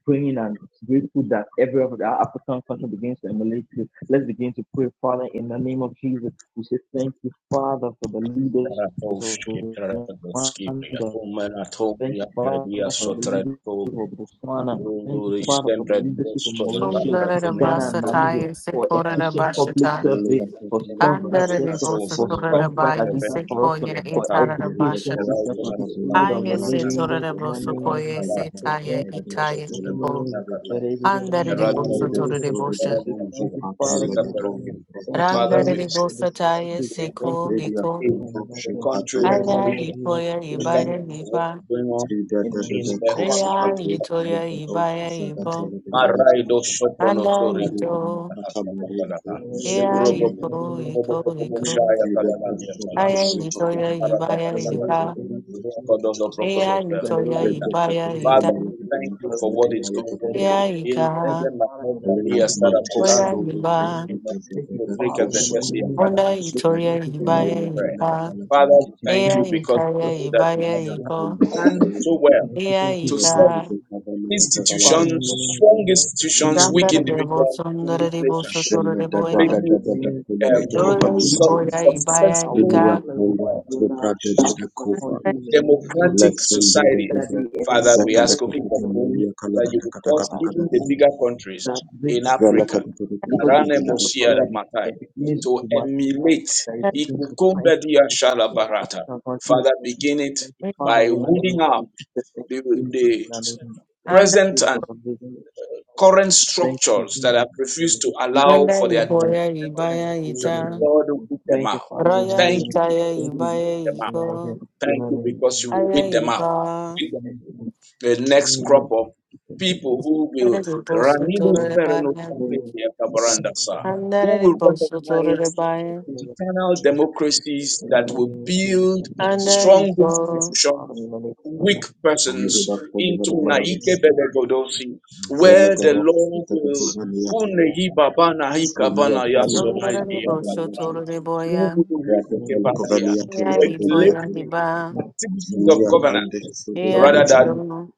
[SPEAKER 2] praying and grateful that every of our African country begins to emulate this. Let's begin to pray, Father, in the name of Jesus. We say thank you, Father, for the leadership of
[SPEAKER 5] Ratoshki, Ratoshki,
[SPEAKER 2] Rwanda.
[SPEAKER 5] Umena
[SPEAKER 2] Thank
[SPEAKER 5] Tobia,
[SPEAKER 2] you, Father, for the
[SPEAKER 5] Sotredo,
[SPEAKER 2] leadership of Botswana. Thank you,
[SPEAKER 5] Rundu,
[SPEAKER 2] Father, for the
[SPEAKER 5] Istembre,
[SPEAKER 2] leadership of
[SPEAKER 5] Diosco, La
[SPEAKER 2] Mauritius,
[SPEAKER 1] Sundara da
[SPEAKER 2] Ghana,
[SPEAKER 5] Pratinena,
[SPEAKER 2] and Namibia,
[SPEAKER 1] Basataya,
[SPEAKER 5] Tododu,
[SPEAKER 2] for
[SPEAKER 1] Sekora da
[SPEAKER 2] efficient public
[SPEAKER 1] Bashata,
[SPEAKER 2] service,
[SPEAKER 3] Hallelujah,
[SPEAKER 2] for
[SPEAKER 3] hallelujah,
[SPEAKER 2] strong
[SPEAKER 3] brother
[SPEAKER 2] health
[SPEAKER 1] Andara
[SPEAKER 3] God.
[SPEAKER 1] de
[SPEAKER 5] Atina,
[SPEAKER 2] sector, for
[SPEAKER 5] Tobia,
[SPEAKER 1] Bosatora
[SPEAKER 3] Zalada,
[SPEAKER 1] da
[SPEAKER 2] strong
[SPEAKER 5] Patis,
[SPEAKER 2] fight
[SPEAKER 1] Baya,
[SPEAKER 2] against
[SPEAKER 3] hallelujah.
[SPEAKER 2] corruption,
[SPEAKER 1] Sekoya,
[SPEAKER 2] for
[SPEAKER 5] Beben,
[SPEAKER 1] Itara da
[SPEAKER 3] Yerida
[SPEAKER 1] Basha,
[SPEAKER 2] education
[SPEAKER 5] The
[SPEAKER 3] kosta,
[SPEAKER 5] right
[SPEAKER 2] system, for the
[SPEAKER 3] nina bini
[SPEAKER 2] spirit
[SPEAKER 5] survived,
[SPEAKER 2] of the
[SPEAKER 5] and
[SPEAKER 1] Aya
[SPEAKER 3] maniati,
[SPEAKER 2] living
[SPEAKER 1] Setora
[SPEAKER 2] God.
[SPEAKER 1] da
[SPEAKER 2] In the
[SPEAKER 5] the
[SPEAKER 3] rati
[SPEAKER 2] name
[SPEAKER 5] woman
[SPEAKER 2] of
[SPEAKER 1] Bosokoya,
[SPEAKER 3] pafile,
[SPEAKER 5] Karat,
[SPEAKER 2] Jesus,
[SPEAKER 5] the
[SPEAKER 3] barada,
[SPEAKER 1] Setaya,
[SPEAKER 2] thank
[SPEAKER 5] woman
[SPEAKER 3] barada,
[SPEAKER 5] Matoro,
[SPEAKER 1] Itaya,
[SPEAKER 2] you. In
[SPEAKER 3] sile,
[SPEAKER 5] the
[SPEAKER 2] the
[SPEAKER 1] Ipo,
[SPEAKER 5] Bosnia
[SPEAKER 3] matala, dia.
[SPEAKER 5] Qatar,
[SPEAKER 2] name
[SPEAKER 1] Andara
[SPEAKER 5] the
[SPEAKER 1] de
[SPEAKER 5] runner of
[SPEAKER 3] Rede
[SPEAKER 2] of
[SPEAKER 1] Bosatora de
[SPEAKER 2] Jesus,
[SPEAKER 5] the
[SPEAKER 3] sodo do
[SPEAKER 2] we
[SPEAKER 1] Bosha,
[SPEAKER 5] runner
[SPEAKER 2] say
[SPEAKER 5] of
[SPEAKER 3] konje
[SPEAKER 2] thank
[SPEAKER 5] Akova,
[SPEAKER 2] you,
[SPEAKER 3] pate
[SPEAKER 2] Father. In the
[SPEAKER 3] legedo
[SPEAKER 2] name of-
[SPEAKER 5] Peregrin.
[SPEAKER 2] Thank you,
[SPEAKER 5] Father,
[SPEAKER 1] Randara
[SPEAKER 5] we
[SPEAKER 1] de
[SPEAKER 2] Jesus,
[SPEAKER 5] thank
[SPEAKER 2] for
[SPEAKER 3] legedeste.
[SPEAKER 5] you
[SPEAKER 2] this
[SPEAKER 5] for what
[SPEAKER 1] Bosataya,
[SPEAKER 5] you're
[SPEAKER 2] country.
[SPEAKER 5] doing
[SPEAKER 2] Thank you
[SPEAKER 1] Seko,
[SPEAKER 2] for
[SPEAKER 3] Redia
[SPEAKER 1] Niko,
[SPEAKER 2] in
[SPEAKER 3] konje
[SPEAKER 2] the
[SPEAKER 5] in
[SPEAKER 2] name of
[SPEAKER 5] the
[SPEAKER 2] Jesus.
[SPEAKER 5] country of
[SPEAKER 1] Aya,
[SPEAKER 3] lagadola
[SPEAKER 5] Mauritius.
[SPEAKER 1] Ipoya,
[SPEAKER 2] In
[SPEAKER 5] We
[SPEAKER 2] the
[SPEAKER 5] thank
[SPEAKER 2] name
[SPEAKER 1] Ibaya,
[SPEAKER 5] you
[SPEAKER 2] of
[SPEAKER 5] for
[SPEAKER 2] Jesus.
[SPEAKER 5] what's
[SPEAKER 1] Iba,
[SPEAKER 5] going
[SPEAKER 3] Thank
[SPEAKER 5] on
[SPEAKER 2] Thank you, Father, in
[SPEAKER 5] in the country
[SPEAKER 1] Rea,
[SPEAKER 5] of
[SPEAKER 1] Itoya, Ibaya, Ibo,
[SPEAKER 5] Maraido soprono
[SPEAKER 1] Anda, Ito,
[SPEAKER 2] the
[SPEAKER 1] Ea,
[SPEAKER 2] name of
[SPEAKER 6] Take
[SPEAKER 1] Ipo, Iko,
[SPEAKER 5] Robo
[SPEAKER 1] Iko.
[SPEAKER 5] shaya kadalandi antara.
[SPEAKER 1] Aya
[SPEAKER 6] sick
[SPEAKER 1] itoya ibaya iba. Aya itoya ibaya ita.
[SPEAKER 5] Father, thank you for what is going on.
[SPEAKER 1] Aya
[SPEAKER 5] Il
[SPEAKER 1] ika.
[SPEAKER 5] sema kwamba ndiye Sara
[SPEAKER 2] hope.
[SPEAKER 1] Oya
[SPEAKER 5] Matala,
[SPEAKER 1] iba.
[SPEAKER 2] Thank you,
[SPEAKER 5] Kodrika
[SPEAKER 2] Father, in the
[SPEAKER 5] Betesi
[SPEAKER 2] name
[SPEAKER 5] and
[SPEAKER 2] of
[SPEAKER 5] Father,
[SPEAKER 1] Onda
[SPEAKER 2] Jesus. Thank
[SPEAKER 1] itoya
[SPEAKER 2] you,
[SPEAKER 5] we
[SPEAKER 1] ibaya
[SPEAKER 5] will
[SPEAKER 2] Jesus, in the
[SPEAKER 5] pray.
[SPEAKER 2] mighty
[SPEAKER 1] iba.
[SPEAKER 2] name.
[SPEAKER 5] Father,
[SPEAKER 2] Thank
[SPEAKER 5] we
[SPEAKER 2] you,
[SPEAKER 5] thank
[SPEAKER 1] Aya
[SPEAKER 5] you
[SPEAKER 2] Jesus.
[SPEAKER 5] because we
[SPEAKER 1] ikaya
[SPEAKER 5] know that
[SPEAKER 1] ibaya
[SPEAKER 5] as you have
[SPEAKER 1] ibo.
[SPEAKER 5] done so well
[SPEAKER 2] Thank you,
[SPEAKER 1] Aya
[SPEAKER 2] thank you,
[SPEAKER 5] to
[SPEAKER 1] ika.
[SPEAKER 5] set
[SPEAKER 2] Jesus. Thank you, Father, in
[SPEAKER 5] institutions,
[SPEAKER 2] the name of
[SPEAKER 5] strong
[SPEAKER 2] Jesus. Thank you, for
[SPEAKER 5] institutions,
[SPEAKER 2] leading
[SPEAKER 6] of
[SPEAKER 2] the
[SPEAKER 5] weak
[SPEAKER 3] you.
[SPEAKER 1] Shandara
[SPEAKER 2] name
[SPEAKER 1] debo
[SPEAKER 5] individuals
[SPEAKER 2] of Father, in the
[SPEAKER 5] in
[SPEAKER 1] sundara
[SPEAKER 5] this
[SPEAKER 2] name
[SPEAKER 6] the
[SPEAKER 1] debo
[SPEAKER 2] of
[SPEAKER 5] nation,
[SPEAKER 2] Jesus.
[SPEAKER 1] shotura
[SPEAKER 3] Jana da
[SPEAKER 1] debo
[SPEAKER 3] da
[SPEAKER 2] Father,
[SPEAKER 3] da
[SPEAKER 1] ina.
[SPEAKER 2] in
[SPEAKER 3] da
[SPEAKER 5] making
[SPEAKER 2] the
[SPEAKER 3] da da.
[SPEAKER 2] name
[SPEAKER 5] it
[SPEAKER 3] kule
[SPEAKER 2] of
[SPEAKER 6] name
[SPEAKER 2] We
[SPEAKER 3] kutu
[SPEAKER 2] thank
[SPEAKER 5] um,
[SPEAKER 6] of
[SPEAKER 2] you
[SPEAKER 1] Oya
[SPEAKER 2] for the
[SPEAKER 3] kumani ya
[SPEAKER 5] su-
[SPEAKER 2] mercy.
[SPEAKER 3] tele.
[SPEAKER 1] iboya
[SPEAKER 2] This is I
[SPEAKER 1] ibaya
[SPEAKER 2] will
[SPEAKER 3] Imi
[SPEAKER 5] successful
[SPEAKER 3] ya
[SPEAKER 1] ika.
[SPEAKER 2] declare
[SPEAKER 3] kule
[SPEAKER 2] over
[SPEAKER 5] uh,
[SPEAKER 2] every other
[SPEAKER 3] vipra da da
[SPEAKER 6] Jesus.
[SPEAKER 3] da.
[SPEAKER 2] African
[SPEAKER 3] kufa.
[SPEAKER 2] country in the
[SPEAKER 6] that
[SPEAKER 2] name of
[SPEAKER 5] democratic
[SPEAKER 2] Jesus.
[SPEAKER 6] is
[SPEAKER 3] Lesen da da
[SPEAKER 2] That
[SPEAKER 5] societies.
[SPEAKER 3] da.
[SPEAKER 2] they
[SPEAKER 5] Father, we ask,
[SPEAKER 2] emulate
[SPEAKER 5] O
[SPEAKER 2] in
[SPEAKER 5] King of
[SPEAKER 2] the name
[SPEAKER 5] Glory,
[SPEAKER 2] of Jesus.
[SPEAKER 5] that you will cause
[SPEAKER 2] Father, in
[SPEAKER 5] even
[SPEAKER 2] the
[SPEAKER 5] the
[SPEAKER 2] name of
[SPEAKER 5] bigger
[SPEAKER 2] Jesus,
[SPEAKER 5] countries
[SPEAKER 2] that
[SPEAKER 5] in
[SPEAKER 6] the
[SPEAKER 2] this
[SPEAKER 5] Africa,
[SPEAKER 2] because it's
[SPEAKER 5] Karane
[SPEAKER 2] enough of
[SPEAKER 5] Mosia da
[SPEAKER 2] already,
[SPEAKER 5] Matai,
[SPEAKER 2] like, it begins
[SPEAKER 5] to
[SPEAKER 2] to multiply,
[SPEAKER 5] emulate
[SPEAKER 2] that it begins to find
[SPEAKER 5] Ikukumbediya
[SPEAKER 2] itself in
[SPEAKER 5] Shala
[SPEAKER 2] every other
[SPEAKER 5] Barata.
[SPEAKER 2] African country.
[SPEAKER 5] Father, begin it
[SPEAKER 2] Thank you, Father,
[SPEAKER 5] by
[SPEAKER 2] in the name
[SPEAKER 5] weeding
[SPEAKER 2] of
[SPEAKER 5] out
[SPEAKER 2] Jesus. Thank
[SPEAKER 5] the,
[SPEAKER 2] you, Jesus,
[SPEAKER 6] of
[SPEAKER 2] in
[SPEAKER 5] the
[SPEAKER 2] the name of Jesus. Thank you,
[SPEAKER 1] Anda
[SPEAKER 5] present
[SPEAKER 2] Spirit
[SPEAKER 5] and
[SPEAKER 2] of the Living. God.
[SPEAKER 5] current
[SPEAKER 2] Thank you,
[SPEAKER 5] structures that
[SPEAKER 2] Jesus,
[SPEAKER 5] have
[SPEAKER 2] in the name
[SPEAKER 5] refused
[SPEAKER 2] of
[SPEAKER 5] to
[SPEAKER 2] Jesus. In
[SPEAKER 5] allow
[SPEAKER 1] anda
[SPEAKER 5] for
[SPEAKER 2] the
[SPEAKER 5] the
[SPEAKER 2] name of Jesus.
[SPEAKER 1] iboya
[SPEAKER 5] advancement of the
[SPEAKER 2] Father,
[SPEAKER 1] ibaya
[SPEAKER 2] in the
[SPEAKER 5] nation.
[SPEAKER 2] name
[SPEAKER 1] ita.
[SPEAKER 2] of
[SPEAKER 5] God will
[SPEAKER 2] Jesus.
[SPEAKER 5] weed them
[SPEAKER 2] Thank you,
[SPEAKER 5] out.
[SPEAKER 2] Father, in the
[SPEAKER 1] Raya
[SPEAKER 5] Thank
[SPEAKER 2] name of Jesus.
[SPEAKER 5] you
[SPEAKER 1] itaya
[SPEAKER 5] because
[SPEAKER 2] Thank
[SPEAKER 5] you
[SPEAKER 2] you,
[SPEAKER 5] will
[SPEAKER 2] Jesus,
[SPEAKER 5] weed
[SPEAKER 1] ibaya
[SPEAKER 5] them
[SPEAKER 2] in
[SPEAKER 5] out.
[SPEAKER 2] the name of
[SPEAKER 1] iko.
[SPEAKER 2] Jesus. In
[SPEAKER 5] Thank
[SPEAKER 2] the name
[SPEAKER 5] you
[SPEAKER 2] of
[SPEAKER 5] because you
[SPEAKER 2] Jesus.
[SPEAKER 5] will
[SPEAKER 1] Aya
[SPEAKER 5] weed them out
[SPEAKER 1] iba.
[SPEAKER 2] Thank you, Jesus,
[SPEAKER 5] the
[SPEAKER 2] In the
[SPEAKER 5] next
[SPEAKER 2] name of
[SPEAKER 5] crop of
[SPEAKER 2] Jesus. In the name of
[SPEAKER 5] people
[SPEAKER 2] Jesus.
[SPEAKER 5] who
[SPEAKER 1] Andere
[SPEAKER 5] will
[SPEAKER 1] boso
[SPEAKER 5] Ranidus
[SPEAKER 1] tore
[SPEAKER 2] In
[SPEAKER 1] de
[SPEAKER 5] Perenus
[SPEAKER 2] the
[SPEAKER 1] bayan.
[SPEAKER 2] name of
[SPEAKER 6] Jesus.
[SPEAKER 2] Jesus.
[SPEAKER 5] who
[SPEAKER 1] Andere
[SPEAKER 5] will
[SPEAKER 1] boso tore de
[SPEAKER 5] recognize
[SPEAKER 1] bayan.
[SPEAKER 2] Thank
[SPEAKER 5] internal democracies that will build
[SPEAKER 1] Andere
[SPEAKER 5] strong
[SPEAKER 1] go.
[SPEAKER 5] institutions, weak persons into Naike Bebegodosi, where the
[SPEAKER 6] attacks.
[SPEAKER 5] law will Hunehi Babana Hikabana
[SPEAKER 1] Sondere de
[SPEAKER 5] Yasonaidi
[SPEAKER 1] boso tore de boya. Ya ifo
[SPEAKER 5] regulate
[SPEAKER 1] ya
[SPEAKER 5] the
[SPEAKER 1] iba.
[SPEAKER 5] activities of
[SPEAKER 3] Zemia
[SPEAKER 5] governance
[SPEAKER 3] Kande
[SPEAKER 1] Ya
[SPEAKER 5] rather
[SPEAKER 3] Sodobalete,
[SPEAKER 5] than
[SPEAKER 1] ito.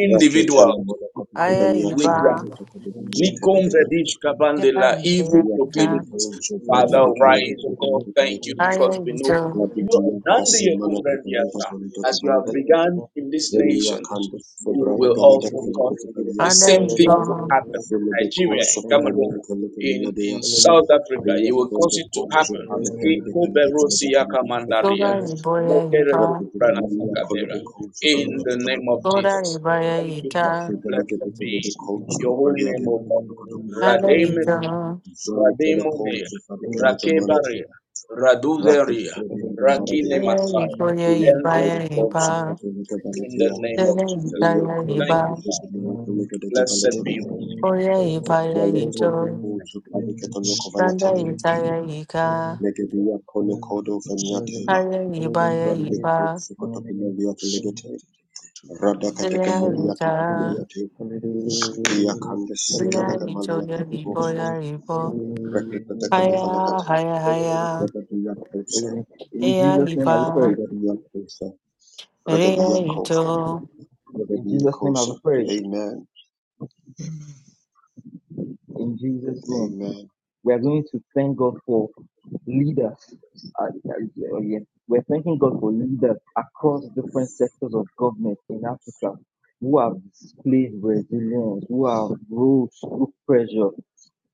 [SPEAKER 3] Raki Talamola
[SPEAKER 1] Aya
[SPEAKER 3] Copania
[SPEAKER 5] with their
[SPEAKER 1] iba.
[SPEAKER 3] Telegama Copania
[SPEAKER 6] So get
[SPEAKER 5] Nikom
[SPEAKER 6] it.
[SPEAKER 3] Telegama
[SPEAKER 5] Radish
[SPEAKER 2] you.
[SPEAKER 1] Ira
[SPEAKER 5] Kabandela,
[SPEAKER 1] iboya
[SPEAKER 5] evil
[SPEAKER 3] Via
[SPEAKER 1] ika.
[SPEAKER 5] proclivities.
[SPEAKER 3] Colopo Jobra
[SPEAKER 5] Father,
[SPEAKER 3] de
[SPEAKER 5] rise, O God, thank
[SPEAKER 3] Calabata
[SPEAKER 5] you
[SPEAKER 1] Aya
[SPEAKER 5] because we know
[SPEAKER 1] ito.
[SPEAKER 5] you have
[SPEAKER 3] Rabidia
[SPEAKER 5] done the
[SPEAKER 3] Passimana Calada
[SPEAKER 5] Yokumrandiasa. As you have
[SPEAKER 3] Validocovalate
[SPEAKER 5] begun in this
[SPEAKER 3] Velia
[SPEAKER 5] nation,
[SPEAKER 3] Cando for
[SPEAKER 5] you
[SPEAKER 3] Brada
[SPEAKER 5] will
[SPEAKER 3] Galada
[SPEAKER 5] also cause
[SPEAKER 3] Colopovalia
[SPEAKER 5] the
[SPEAKER 1] Ada
[SPEAKER 5] same
[SPEAKER 1] ito.
[SPEAKER 5] thing to happen in
[SPEAKER 3] Velebe
[SPEAKER 5] Nigeria, in Cameroon,
[SPEAKER 3] Cosocovania Calata
[SPEAKER 5] in,
[SPEAKER 3] Maladea
[SPEAKER 5] in South Africa.
[SPEAKER 3] Via
[SPEAKER 5] You will cause
[SPEAKER 3] Condo
[SPEAKER 5] it to
[SPEAKER 3] Ponjo
[SPEAKER 5] happen.
[SPEAKER 3] Pada Calada
[SPEAKER 5] Kiko
[SPEAKER 3] Calada Calada
[SPEAKER 5] berosi
[SPEAKER 3] Calada
[SPEAKER 1] Sora
[SPEAKER 3] Secretary
[SPEAKER 5] Yakamandaria,
[SPEAKER 1] iboya
[SPEAKER 5] mokere Ikoberosiakamandaria,
[SPEAKER 1] iba.
[SPEAKER 3] Repetitomania Colopo
[SPEAKER 5] Mokerekukubranasakabera.
[SPEAKER 3] Jovana
[SPEAKER 5] In the name of
[SPEAKER 1] Sora
[SPEAKER 3] Catacalapotis.
[SPEAKER 5] Jesus.
[SPEAKER 1] ibaya
[SPEAKER 5] Thank you,
[SPEAKER 3] the
[SPEAKER 5] Father.
[SPEAKER 1] ita.
[SPEAKER 5] Blessed be.
[SPEAKER 6] So
[SPEAKER 5] Your holy name, O God.
[SPEAKER 3] Rakete
[SPEAKER 1] Ada
[SPEAKER 6] Name
[SPEAKER 1] ito.
[SPEAKER 5] Rademesi,
[SPEAKER 3] Zalikeda
[SPEAKER 6] of
[SPEAKER 5] Rademonia,
[SPEAKER 3] Konzi
[SPEAKER 2] Thank
[SPEAKER 3] Fadikalika
[SPEAKER 6] Jesus.
[SPEAKER 3] Manati,
[SPEAKER 5] Rakebaria,
[SPEAKER 2] you.
[SPEAKER 6] Name
[SPEAKER 3] Racket
[SPEAKER 5] Raduzeria,
[SPEAKER 3] Freddy
[SPEAKER 5] Rakine
[SPEAKER 3] Maradea,
[SPEAKER 1] Aya
[SPEAKER 5] Masai,
[SPEAKER 1] ikoya
[SPEAKER 3] Via
[SPEAKER 5] and all
[SPEAKER 1] ibaya
[SPEAKER 3] Kondo
[SPEAKER 5] the
[SPEAKER 1] iba.
[SPEAKER 3] Konzi
[SPEAKER 5] prophets
[SPEAKER 3] Fadikalika
[SPEAKER 5] in the
[SPEAKER 3] Balatea,
[SPEAKER 5] name of
[SPEAKER 1] Sere
[SPEAKER 5] Jesus.
[SPEAKER 3] Via
[SPEAKER 1] itaya
[SPEAKER 5] Thank
[SPEAKER 3] Kondo
[SPEAKER 1] iba.
[SPEAKER 5] you, Father.
[SPEAKER 3] Zukumilaka
[SPEAKER 6] of
[SPEAKER 3] Legadega
[SPEAKER 6] Jesus.
[SPEAKER 5] Blessed be your holy
[SPEAKER 3] Valatelegadia,
[SPEAKER 5] name.
[SPEAKER 1] Oye
[SPEAKER 5] For
[SPEAKER 1] iba
[SPEAKER 3] Vale
[SPEAKER 5] Jesus'
[SPEAKER 3] Kondo
[SPEAKER 1] ito,
[SPEAKER 5] name,
[SPEAKER 3] Konzi Fadikata
[SPEAKER 6] we
[SPEAKER 3] Loko
[SPEAKER 1] randa
[SPEAKER 5] amen.
[SPEAKER 1] ita
[SPEAKER 3] Valatelegadia,
[SPEAKER 1] ika,
[SPEAKER 3] Negadia Kono
[SPEAKER 6] Name of
[SPEAKER 3] Kodo
[SPEAKER 6] Jesus.
[SPEAKER 3] Veniatela,
[SPEAKER 1] hare iba
[SPEAKER 3] Rande
[SPEAKER 1] iba,
[SPEAKER 3] Konzi Kotokina Liata
[SPEAKER 6] Seek
[SPEAKER 3] Legate,
[SPEAKER 6] it. To
[SPEAKER 3] Rada Kateka
[SPEAKER 1] sinya
[SPEAKER 3] Moliata
[SPEAKER 1] ita,
[SPEAKER 3] Maliate, Via Kandes
[SPEAKER 1] sinya
[SPEAKER 3] Sigadaga
[SPEAKER 1] ito ye
[SPEAKER 3] Maliate
[SPEAKER 1] ibo ya
[SPEAKER 3] Boxati,
[SPEAKER 1] ibo,
[SPEAKER 3] Racket Kateka
[SPEAKER 1] haya
[SPEAKER 3] Novalakate,
[SPEAKER 1] haya haya,
[SPEAKER 3] Rada Dia Kosa,
[SPEAKER 2] In
[SPEAKER 1] heya
[SPEAKER 2] Jesus' name, I will
[SPEAKER 1] iba,
[SPEAKER 2] pray.
[SPEAKER 3] Rada Dia Kosa,
[SPEAKER 1] heya
[SPEAKER 3] Regadiokosa,
[SPEAKER 1] ito.
[SPEAKER 2] In Jesus' name I
[SPEAKER 3] Regadiokosa.
[SPEAKER 2] pray.
[SPEAKER 3] Amen.
[SPEAKER 6] Amen.
[SPEAKER 2] In Jesus' name.
[SPEAKER 3] Amen.
[SPEAKER 2] We are going to thank God for leaders. Uh, uh, yeah. We're thanking God for leaders across different sectors of government in Africa who have displayed resilience, who have rose through pressure,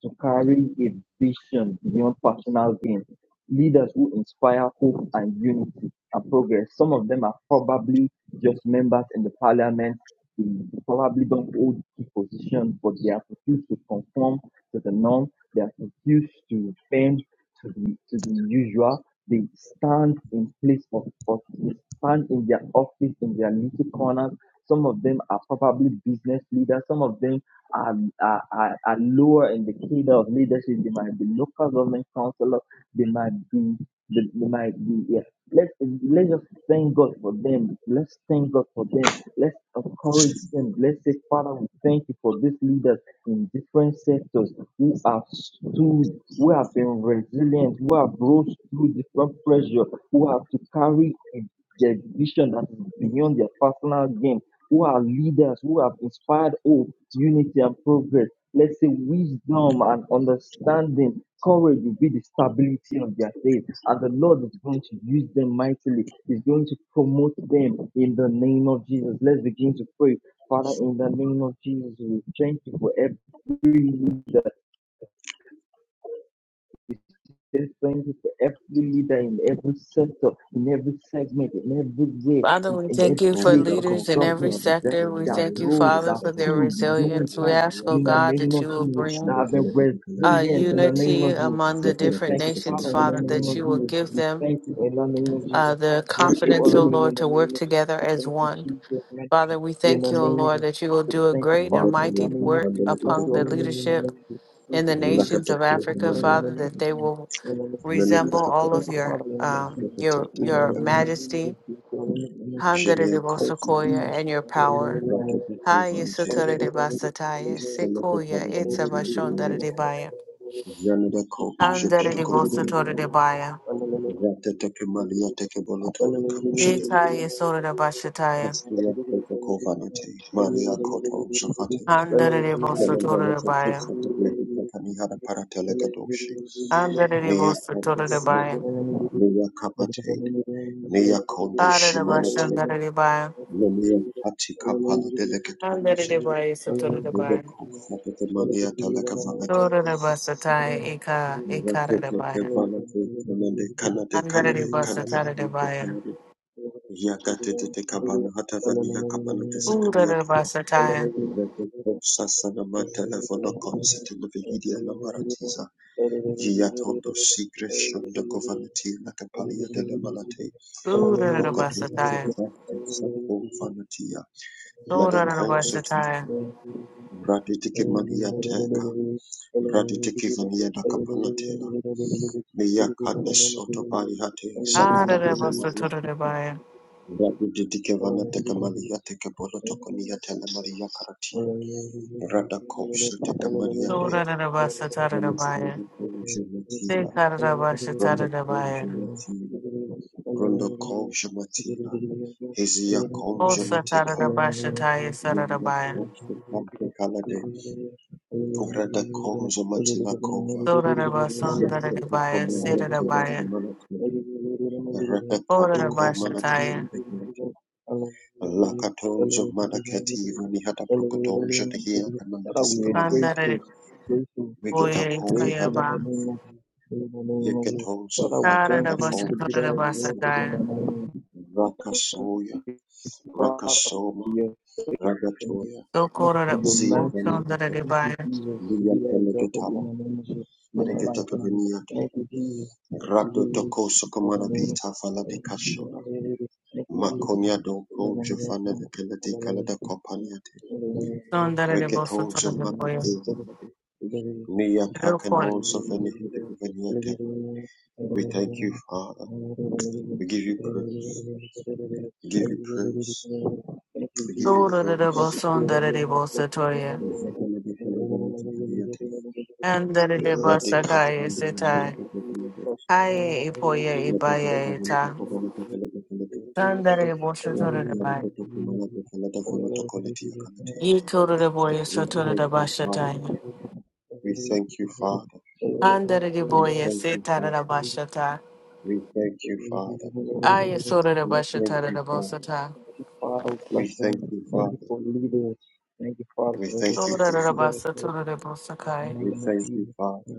[SPEAKER 2] to carry a vision beyond personal gain. Leaders who inspire hope and unity and progress. Some of them are probably just members in the parliament. They probably don't hold key positions, but they are refused to conform to the norm. They are refused to bend to the to the usual. They stand in place of, of they stand in their office in their little corners. Some of them are probably business leaders. Some of them are are are I lure in the kingdom of leadership. They might be local government councillor. They might be. They, they might be. Yeah. Let's let's just thank God for them. Let's thank God for them. Let's encourage them. Let's say, Father, we thank you for these leaders in different sectors who have stood, who have been resilient, who have rose through different pressure, who have to carry in their vision that is beyond their personal gain who are leaders, who have inspired hope, unity and progress. Let's say wisdom and understanding, courage will be the stability of their faith. And the Lord is going to use them mightily. He's going to promote them in the name of Jesus. Let's begin to pray. Father, in the name of Jesus, we thank you for every leader Say thank you for every leader in every sector, in every segment, in every way,
[SPEAKER 1] Father,
[SPEAKER 2] in,
[SPEAKER 1] we
[SPEAKER 2] in
[SPEAKER 1] thank
[SPEAKER 2] every
[SPEAKER 1] you for
[SPEAKER 2] place of the
[SPEAKER 1] leaders
[SPEAKER 3] Regadiokosa,
[SPEAKER 1] in every
[SPEAKER 2] government that,
[SPEAKER 3] Regadiokosa,
[SPEAKER 1] sector. We
[SPEAKER 2] that
[SPEAKER 1] thank you,
[SPEAKER 2] rose,
[SPEAKER 1] Father,
[SPEAKER 2] that
[SPEAKER 1] for their
[SPEAKER 2] stood
[SPEAKER 3] Regadiokosa,
[SPEAKER 2] beyond
[SPEAKER 1] resilience. We
[SPEAKER 2] time.
[SPEAKER 1] ask, oh
[SPEAKER 2] In
[SPEAKER 3] Regadiokosa.
[SPEAKER 2] the
[SPEAKER 1] God,
[SPEAKER 2] name
[SPEAKER 1] that you
[SPEAKER 2] of
[SPEAKER 1] will
[SPEAKER 2] Jesus, that
[SPEAKER 1] bring
[SPEAKER 2] have been
[SPEAKER 1] uh,
[SPEAKER 2] resilient in the
[SPEAKER 3] Jidekelekedekelekekaliyate,
[SPEAKER 2] name
[SPEAKER 1] unity
[SPEAKER 2] of Jesus.
[SPEAKER 1] among
[SPEAKER 2] We
[SPEAKER 1] the
[SPEAKER 2] say
[SPEAKER 1] different
[SPEAKER 2] thank you,
[SPEAKER 1] nations,
[SPEAKER 2] Father, in the
[SPEAKER 1] Father,
[SPEAKER 2] name
[SPEAKER 1] that
[SPEAKER 2] of
[SPEAKER 1] you will
[SPEAKER 2] Jesus.
[SPEAKER 1] give
[SPEAKER 2] We
[SPEAKER 1] them.
[SPEAKER 2] thank you in the name of Jesus.
[SPEAKER 1] uh, the
[SPEAKER 2] We bless you all
[SPEAKER 1] confidence,
[SPEAKER 2] the
[SPEAKER 1] O
[SPEAKER 2] name in
[SPEAKER 1] Lord,
[SPEAKER 2] the
[SPEAKER 1] to work
[SPEAKER 2] name of Jesus.
[SPEAKER 1] together
[SPEAKER 2] We
[SPEAKER 1] as
[SPEAKER 2] thank you,
[SPEAKER 1] one.
[SPEAKER 2] Jesus. In the name
[SPEAKER 1] Father, we
[SPEAKER 2] in
[SPEAKER 1] thank
[SPEAKER 2] the
[SPEAKER 1] you, O
[SPEAKER 2] name of
[SPEAKER 1] Lord,
[SPEAKER 2] Jesus.
[SPEAKER 1] that you will
[SPEAKER 2] We say
[SPEAKER 1] do a
[SPEAKER 2] thank you,
[SPEAKER 1] great and
[SPEAKER 2] Father, in the
[SPEAKER 1] mighty
[SPEAKER 2] name of
[SPEAKER 1] work
[SPEAKER 2] Jesus. Bless
[SPEAKER 1] upon
[SPEAKER 2] you all
[SPEAKER 1] the
[SPEAKER 2] the name in the name
[SPEAKER 1] leadership
[SPEAKER 2] of Jesus. Thank
[SPEAKER 1] in the
[SPEAKER 2] you, Jesus.
[SPEAKER 1] nations of
[SPEAKER 2] Bless you
[SPEAKER 1] Africa,
[SPEAKER 2] all the name in the
[SPEAKER 1] Father,
[SPEAKER 2] name of
[SPEAKER 1] that they
[SPEAKER 2] Jesus
[SPEAKER 1] will
[SPEAKER 2] in the name of Jesus.
[SPEAKER 1] resemble all
[SPEAKER 2] Thank
[SPEAKER 1] of
[SPEAKER 2] you,
[SPEAKER 1] your
[SPEAKER 2] Father, in the mighty
[SPEAKER 1] um,
[SPEAKER 2] name.
[SPEAKER 1] your
[SPEAKER 2] In the
[SPEAKER 1] your
[SPEAKER 2] name of
[SPEAKER 1] majesty,
[SPEAKER 2] Jesus, we pray in the name of Jesus. Thank you, Jesus.
[SPEAKER 1] Handarebosokoya, and your power. Haya sotorebasataya, sequoia, itabashondarebaya,
[SPEAKER 3] Janada Kobe, Jokotokova Diakala,
[SPEAKER 1] handarebosotorebaya,
[SPEAKER 3] Ratateke Maria Teke Bolotolo, Kamushateke,
[SPEAKER 1] itaya sotorebashataya,
[SPEAKER 3] Astria Kotokovanate, Maria Koto, Jafatena, Janabonate
[SPEAKER 2] Thank
[SPEAKER 1] handarebosotorebaya.
[SPEAKER 3] Kesaka
[SPEAKER 2] you,
[SPEAKER 3] Blehitaka Nihada
[SPEAKER 2] Jesus.
[SPEAKER 3] Parateleka Doshi,
[SPEAKER 1] Andere
[SPEAKER 3] Mia
[SPEAKER 1] bosu toro de
[SPEAKER 3] Kandeso,
[SPEAKER 1] bayan.
[SPEAKER 3] Mia Kapate, Mia Konde
[SPEAKER 1] Are de bashan
[SPEAKER 3] Shimanativa,
[SPEAKER 1] dare de bayan.
[SPEAKER 3] Mia Patika Pala
[SPEAKER 1] Andere
[SPEAKER 3] Delecatoshe,
[SPEAKER 1] de bayan su toro de
[SPEAKER 3] Mia
[SPEAKER 1] bayan.
[SPEAKER 3] Kosaka Maria Teleka Vanate,
[SPEAKER 1] Toro de basa tai ika ikare de
[SPEAKER 3] Ratateke
[SPEAKER 1] bayan.
[SPEAKER 3] Vanate, Kanade, Kanade,
[SPEAKER 1] Andere de
[SPEAKER 3] Kanade,
[SPEAKER 1] basa
[SPEAKER 3] Kanade,
[SPEAKER 1] tare de
[SPEAKER 3] Kanade,
[SPEAKER 1] bayan.
[SPEAKER 3] Kanade, Yakatete kabana hata vani yakapana
[SPEAKER 1] Ure
[SPEAKER 3] tesekani
[SPEAKER 1] de
[SPEAKER 3] yato.
[SPEAKER 1] basa tai.
[SPEAKER 3] Vete
[SPEAKER 2] Hallelujah.
[SPEAKER 3] popsa sana
[SPEAKER 2] Thank
[SPEAKER 3] mantelefono konsete levihidia na maratiza. Yatondo sigre shondo kovanati la kapalia de la malate.
[SPEAKER 1] Ure de basa
[SPEAKER 3] Rokotum
[SPEAKER 1] tai.
[SPEAKER 3] zufakte sapum vanatia.
[SPEAKER 1] Toro
[SPEAKER 3] Lada
[SPEAKER 1] de basa
[SPEAKER 3] konsotin.
[SPEAKER 1] tai.
[SPEAKER 3] Raditiki mania teka. Raditiki vania da kapanatela. Miyakande soto parihate.
[SPEAKER 1] Are
[SPEAKER 3] Sakata
[SPEAKER 1] de bosu
[SPEAKER 3] hidemaria.
[SPEAKER 1] toro de bayan.
[SPEAKER 3] Radidike vanateka malia teke
[SPEAKER 2] you.
[SPEAKER 3] bolotokonia tele maria karati.
[SPEAKER 2] Thank
[SPEAKER 3] Radako shateka malia te.
[SPEAKER 1] Toro de basa tare de
[SPEAKER 3] Yemesende
[SPEAKER 1] bayan.
[SPEAKER 3] ko jematila.
[SPEAKER 1] Sikare de basa
[SPEAKER 3] Rondo
[SPEAKER 1] tare de
[SPEAKER 3] ko
[SPEAKER 1] bayan.
[SPEAKER 3] jematila. Rondo ko jematila. Hezia kom
[SPEAKER 1] Osa tare de
[SPEAKER 3] jemategal.
[SPEAKER 1] basa tai sare de
[SPEAKER 3] Yenda ko
[SPEAKER 1] bayan.
[SPEAKER 3] shatante kalade. Rada kom jematila kova.
[SPEAKER 1] Toro de basa dare de
[SPEAKER 3] Yakete ko
[SPEAKER 1] bayan.
[SPEAKER 3] malia
[SPEAKER 1] Sere de
[SPEAKER 3] tele
[SPEAKER 1] bayan.
[SPEAKER 3] kamanateke. Rada koto
[SPEAKER 1] Ora
[SPEAKER 3] ko
[SPEAKER 1] bashataya.
[SPEAKER 3] manateke. Lakatonja manaketi
[SPEAKER 2] you.
[SPEAKER 3] vanihata
[SPEAKER 2] Father, we
[SPEAKER 3] prokotonja tehia kanamatisika
[SPEAKER 2] are
[SPEAKER 3] maniate.
[SPEAKER 2] grateful,
[SPEAKER 1] Kandare
[SPEAKER 2] grateful,
[SPEAKER 1] boya
[SPEAKER 2] grateful in
[SPEAKER 3] Vegetakovi
[SPEAKER 1] itoya
[SPEAKER 2] the
[SPEAKER 1] ba.
[SPEAKER 2] name of
[SPEAKER 3] halabiafi.
[SPEAKER 2] Jesus. In the name of Jesus.
[SPEAKER 3] Yekatonja
[SPEAKER 2] Father, we
[SPEAKER 3] vata la
[SPEAKER 1] Kara
[SPEAKER 2] thank
[SPEAKER 1] da
[SPEAKER 2] you. You should
[SPEAKER 3] lafonga
[SPEAKER 2] be
[SPEAKER 1] bashatora da
[SPEAKER 2] there
[SPEAKER 3] shtuzi.
[SPEAKER 2] exalted in the
[SPEAKER 1] basataya.
[SPEAKER 2] name of
[SPEAKER 3] Rakasoya,
[SPEAKER 2] Jesus. Father, for
[SPEAKER 3] rakasoma,
[SPEAKER 2] your faithfulness.
[SPEAKER 3] ragatoya.
[SPEAKER 2] Thank you
[SPEAKER 1] Sokora
[SPEAKER 2] for
[SPEAKER 1] da
[SPEAKER 2] your
[SPEAKER 3] Zia
[SPEAKER 2] mercy.
[SPEAKER 1] bosondara
[SPEAKER 3] vanagato.
[SPEAKER 1] de
[SPEAKER 2] Thank you,
[SPEAKER 1] baya.
[SPEAKER 2] Jesus, to
[SPEAKER 3] Lia
[SPEAKER 2] be that exalted in
[SPEAKER 3] pelegetava.
[SPEAKER 2] the name of Jesus. In our
[SPEAKER 3] Regetaka
[SPEAKER 2] lifetime. Thank
[SPEAKER 3] viniate.
[SPEAKER 2] you, Jesus. Thank you,
[SPEAKER 3] Rado
[SPEAKER 2] Jesus.
[SPEAKER 3] tokoso
[SPEAKER 2] In the name
[SPEAKER 3] kamanabita
[SPEAKER 2] of Jesus.
[SPEAKER 3] faladikashona.
[SPEAKER 2] Thank you, Jesus.
[SPEAKER 3] Makonya
[SPEAKER 2] In the
[SPEAKER 3] doko
[SPEAKER 2] name of Jesus.
[SPEAKER 3] jofana vekeledi
[SPEAKER 2] Hallelujah.
[SPEAKER 3] kalada kopaniate.
[SPEAKER 2] In the name
[SPEAKER 1] Sondara
[SPEAKER 2] Hallelujah.
[SPEAKER 1] de
[SPEAKER 3] Reketonja
[SPEAKER 1] bosotora de boya.
[SPEAKER 3] matakovi Any attack and
[SPEAKER 1] Rokor.
[SPEAKER 3] also of any headache of any attack. We thank you, Father. We give you praise. We give you praise.
[SPEAKER 2] Hallelujah. Thank you,
[SPEAKER 3] We give you
[SPEAKER 2] Jesus.
[SPEAKER 1] Tora da da
[SPEAKER 2] Thank you,
[SPEAKER 3] praise.
[SPEAKER 2] Spirit of
[SPEAKER 1] bosondara de
[SPEAKER 2] Living with
[SPEAKER 1] bosatoya.
[SPEAKER 3] We thank you, Father.
[SPEAKER 1] Andare de basakaya setai. Kaya ipoya ibaya eta. Kandare de boshatora de baya. Itora de boya sotora da bashataya.
[SPEAKER 3] We thank you, Father.
[SPEAKER 1] Andare de
[SPEAKER 3] We
[SPEAKER 1] boya setara da bashataya.
[SPEAKER 3] thank you, Father. We thank you, Father.
[SPEAKER 1] Aya
[SPEAKER 2] us.
[SPEAKER 1] sora de
[SPEAKER 3] We
[SPEAKER 2] Thank
[SPEAKER 1] basha
[SPEAKER 2] you.
[SPEAKER 3] thank
[SPEAKER 1] tara
[SPEAKER 3] you,
[SPEAKER 1] de bosa
[SPEAKER 3] Father.
[SPEAKER 1] ta.
[SPEAKER 2] Thank you, Father. We
[SPEAKER 3] We
[SPEAKER 2] bless
[SPEAKER 3] thank you,
[SPEAKER 2] Thank you
[SPEAKER 3] Father.
[SPEAKER 2] for leading Thank you, Father,
[SPEAKER 3] We
[SPEAKER 2] for
[SPEAKER 3] thank you,
[SPEAKER 2] everything
[SPEAKER 1] Sora
[SPEAKER 3] Father.
[SPEAKER 1] de
[SPEAKER 2] you do.
[SPEAKER 1] basa tora
[SPEAKER 2] In
[SPEAKER 1] de bosa
[SPEAKER 2] the
[SPEAKER 1] kai.
[SPEAKER 3] We
[SPEAKER 2] name of
[SPEAKER 3] thank you,
[SPEAKER 2] Jesus.
[SPEAKER 3] Father.
[SPEAKER 2] Thank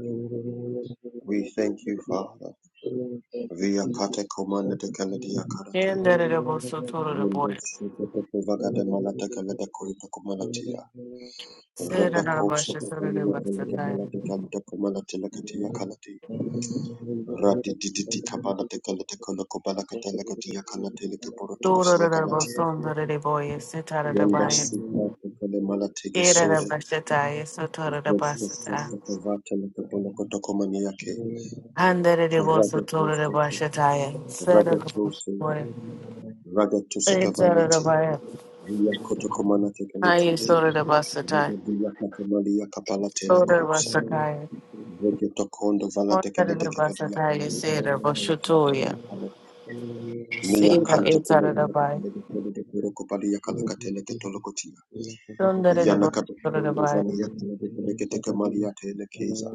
[SPEAKER 3] We thank you,
[SPEAKER 2] you,
[SPEAKER 3] Father.
[SPEAKER 2] Jesus. Thank
[SPEAKER 3] Via kate komanda te kaladia karate.
[SPEAKER 1] Yenda de bosa tora de
[SPEAKER 3] Yendo
[SPEAKER 1] boya.
[SPEAKER 3] shete te kuvaga de malata kalada koita kumalatia.
[SPEAKER 1] Sera
[SPEAKER 3] Rada
[SPEAKER 1] de
[SPEAKER 3] kousa
[SPEAKER 1] basha sora de
[SPEAKER 3] kuvania
[SPEAKER 1] basa
[SPEAKER 3] pelete
[SPEAKER 1] ta.
[SPEAKER 3] malata kalata kumalati lakatia kalati.
[SPEAKER 2] you, Jesus.
[SPEAKER 3] Radi dididi
[SPEAKER 2] Thank
[SPEAKER 3] kabala
[SPEAKER 2] you,
[SPEAKER 3] te
[SPEAKER 2] Jesus.
[SPEAKER 3] kalate kola kubala kata lakatia kalate leke poroto kusia
[SPEAKER 1] Sora de
[SPEAKER 3] kalati.
[SPEAKER 1] bosa onda de boya. Sitara de
[SPEAKER 3] Yendo
[SPEAKER 1] baya.
[SPEAKER 3] subra te kale malate
[SPEAKER 1] Kera de
[SPEAKER 3] gesode.
[SPEAKER 1] basha ta. ya Sotora de
[SPEAKER 3] Vesta
[SPEAKER 1] basa ta.
[SPEAKER 3] stessa kavata leke polo kotokomania ke.
[SPEAKER 1] Handa de bosa
[SPEAKER 3] Rada
[SPEAKER 1] tora de
[SPEAKER 3] kousa
[SPEAKER 1] basha ta. ya. Sera de bosa
[SPEAKER 3] Ragatose,
[SPEAKER 1] boya.
[SPEAKER 3] Ragatose
[SPEAKER 1] Etara de
[SPEAKER 3] Cavanati,
[SPEAKER 1] baya.
[SPEAKER 3] Via Cotocomanate Canati,
[SPEAKER 1] Aya sora de basa ta.
[SPEAKER 3] Rega Via Catamalia Capalate la
[SPEAKER 1] Sora de
[SPEAKER 3] Cosa,
[SPEAKER 1] basa kai.
[SPEAKER 3] Regetocondo Valate
[SPEAKER 1] Onda
[SPEAKER 3] Calate
[SPEAKER 1] de basa
[SPEAKER 3] Cavalia
[SPEAKER 1] ta. ya
[SPEAKER 3] Calate
[SPEAKER 1] Sera
[SPEAKER 3] Cavalate
[SPEAKER 1] bosha
[SPEAKER 3] Calate, Nea
[SPEAKER 1] Sina
[SPEAKER 3] Canto Colegala
[SPEAKER 1] itarabai.
[SPEAKER 3] de Perocopalia Calacatele Catolocotia,
[SPEAKER 2] Thank
[SPEAKER 3] Yana
[SPEAKER 1] Sundareba
[SPEAKER 2] you.
[SPEAKER 3] Catocondo
[SPEAKER 1] sundarabai.
[SPEAKER 3] Vania
[SPEAKER 2] Thank
[SPEAKER 3] Calate Calate Camalia Telekeza,